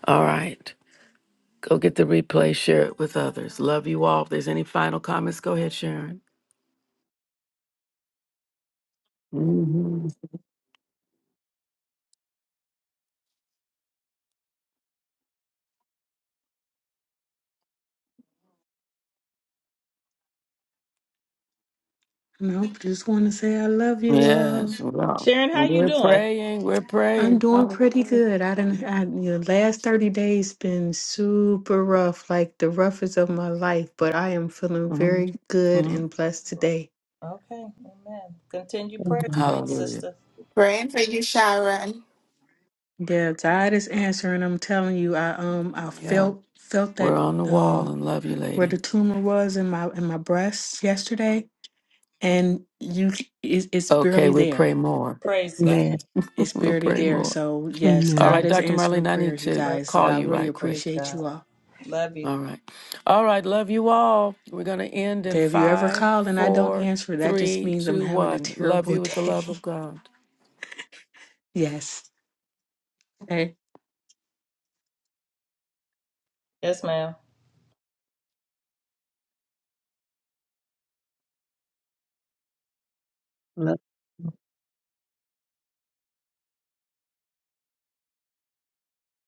Speaker 1: All right, go get the replay, share it with others. Love you all. If there's any final comments, go ahead, Sharon. hmm
Speaker 2: nope just want to say i love you all
Speaker 1: Yes, well,
Speaker 3: Sharon, how you
Speaker 1: we're
Speaker 3: doing?
Speaker 1: praying, we're
Speaker 2: i'm
Speaker 1: praying.
Speaker 2: doing pretty good i didn't I, the last 30 days been super rough like the roughest of my life but i am feeling
Speaker 1: hmm
Speaker 2: very good
Speaker 1: hmm
Speaker 2: and blessed today
Speaker 3: Okay, amen. Continue prayers
Speaker 5: Mhm.
Speaker 3: for you,
Speaker 1: Hallelujah.
Speaker 3: sister.
Speaker 8: Praying for you, Sharon.
Speaker 2: yeah god is answering i'm telling you i um i
Speaker 1: Yeah,
Speaker 2: felt felt
Speaker 1: we're
Speaker 2: that
Speaker 1: on the wall and love you,
Speaker 2: where
Speaker 1: lady.
Speaker 2: the tumor was in my in my breast yesterday, and you it's, it's
Speaker 1: Okay,
Speaker 2: barely
Speaker 1: we'll
Speaker 2: there.
Speaker 1: pray more.
Speaker 3: Praise God.
Speaker 5: Amen.
Speaker 2: It's
Speaker 1: we'll
Speaker 2: barely
Speaker 1: pray
Speaker 2: there.
Speaker 1: more.
Speaker 2: So yes,
Speaker 1: All
Speaker 4: Amen.
Speaker 2: God
Speaker 1: right,
Speaker 2: is
Speaker 1: Dr.
Speaker 2: answering
Speaker 1: Marlene, I need
Speaker 2: prayers, you
Speaker 1: to
Speaker 3: Praise
Speaker 2: guys. So
Speaker 1: call
Speaker 2: I
Speaker 3: God.
Speaker 1: you
Speaker 2: really
Speaker 1: right
Speaker 3: Praise
Speaker 1: quick.
Speaker 2: appreciate
Speaker 3: God.
Speaker 2: you all.
Speaker 3: Love you.
Speaker 1: All right. All right, love you all. We're going to end in
Speaker 2: Okay, if you ever
Speaker 1: five,
Speaker 2: call and I don't
Speaker 1: four,
Speaker 2: answer, that just
Speaker 1: three,
Speaker 2: means I'm
Speaker 1: two,
Speaker 2: having a
Speaker 1: one. Love
Speaker 2: terrible
Speaker 1: you with the
Speaker 2: day.
Speaker 1: love of God.
Speaker 2: yes. Hey.
Speaker 3: Yes, ma'am.
Speaker 5: Love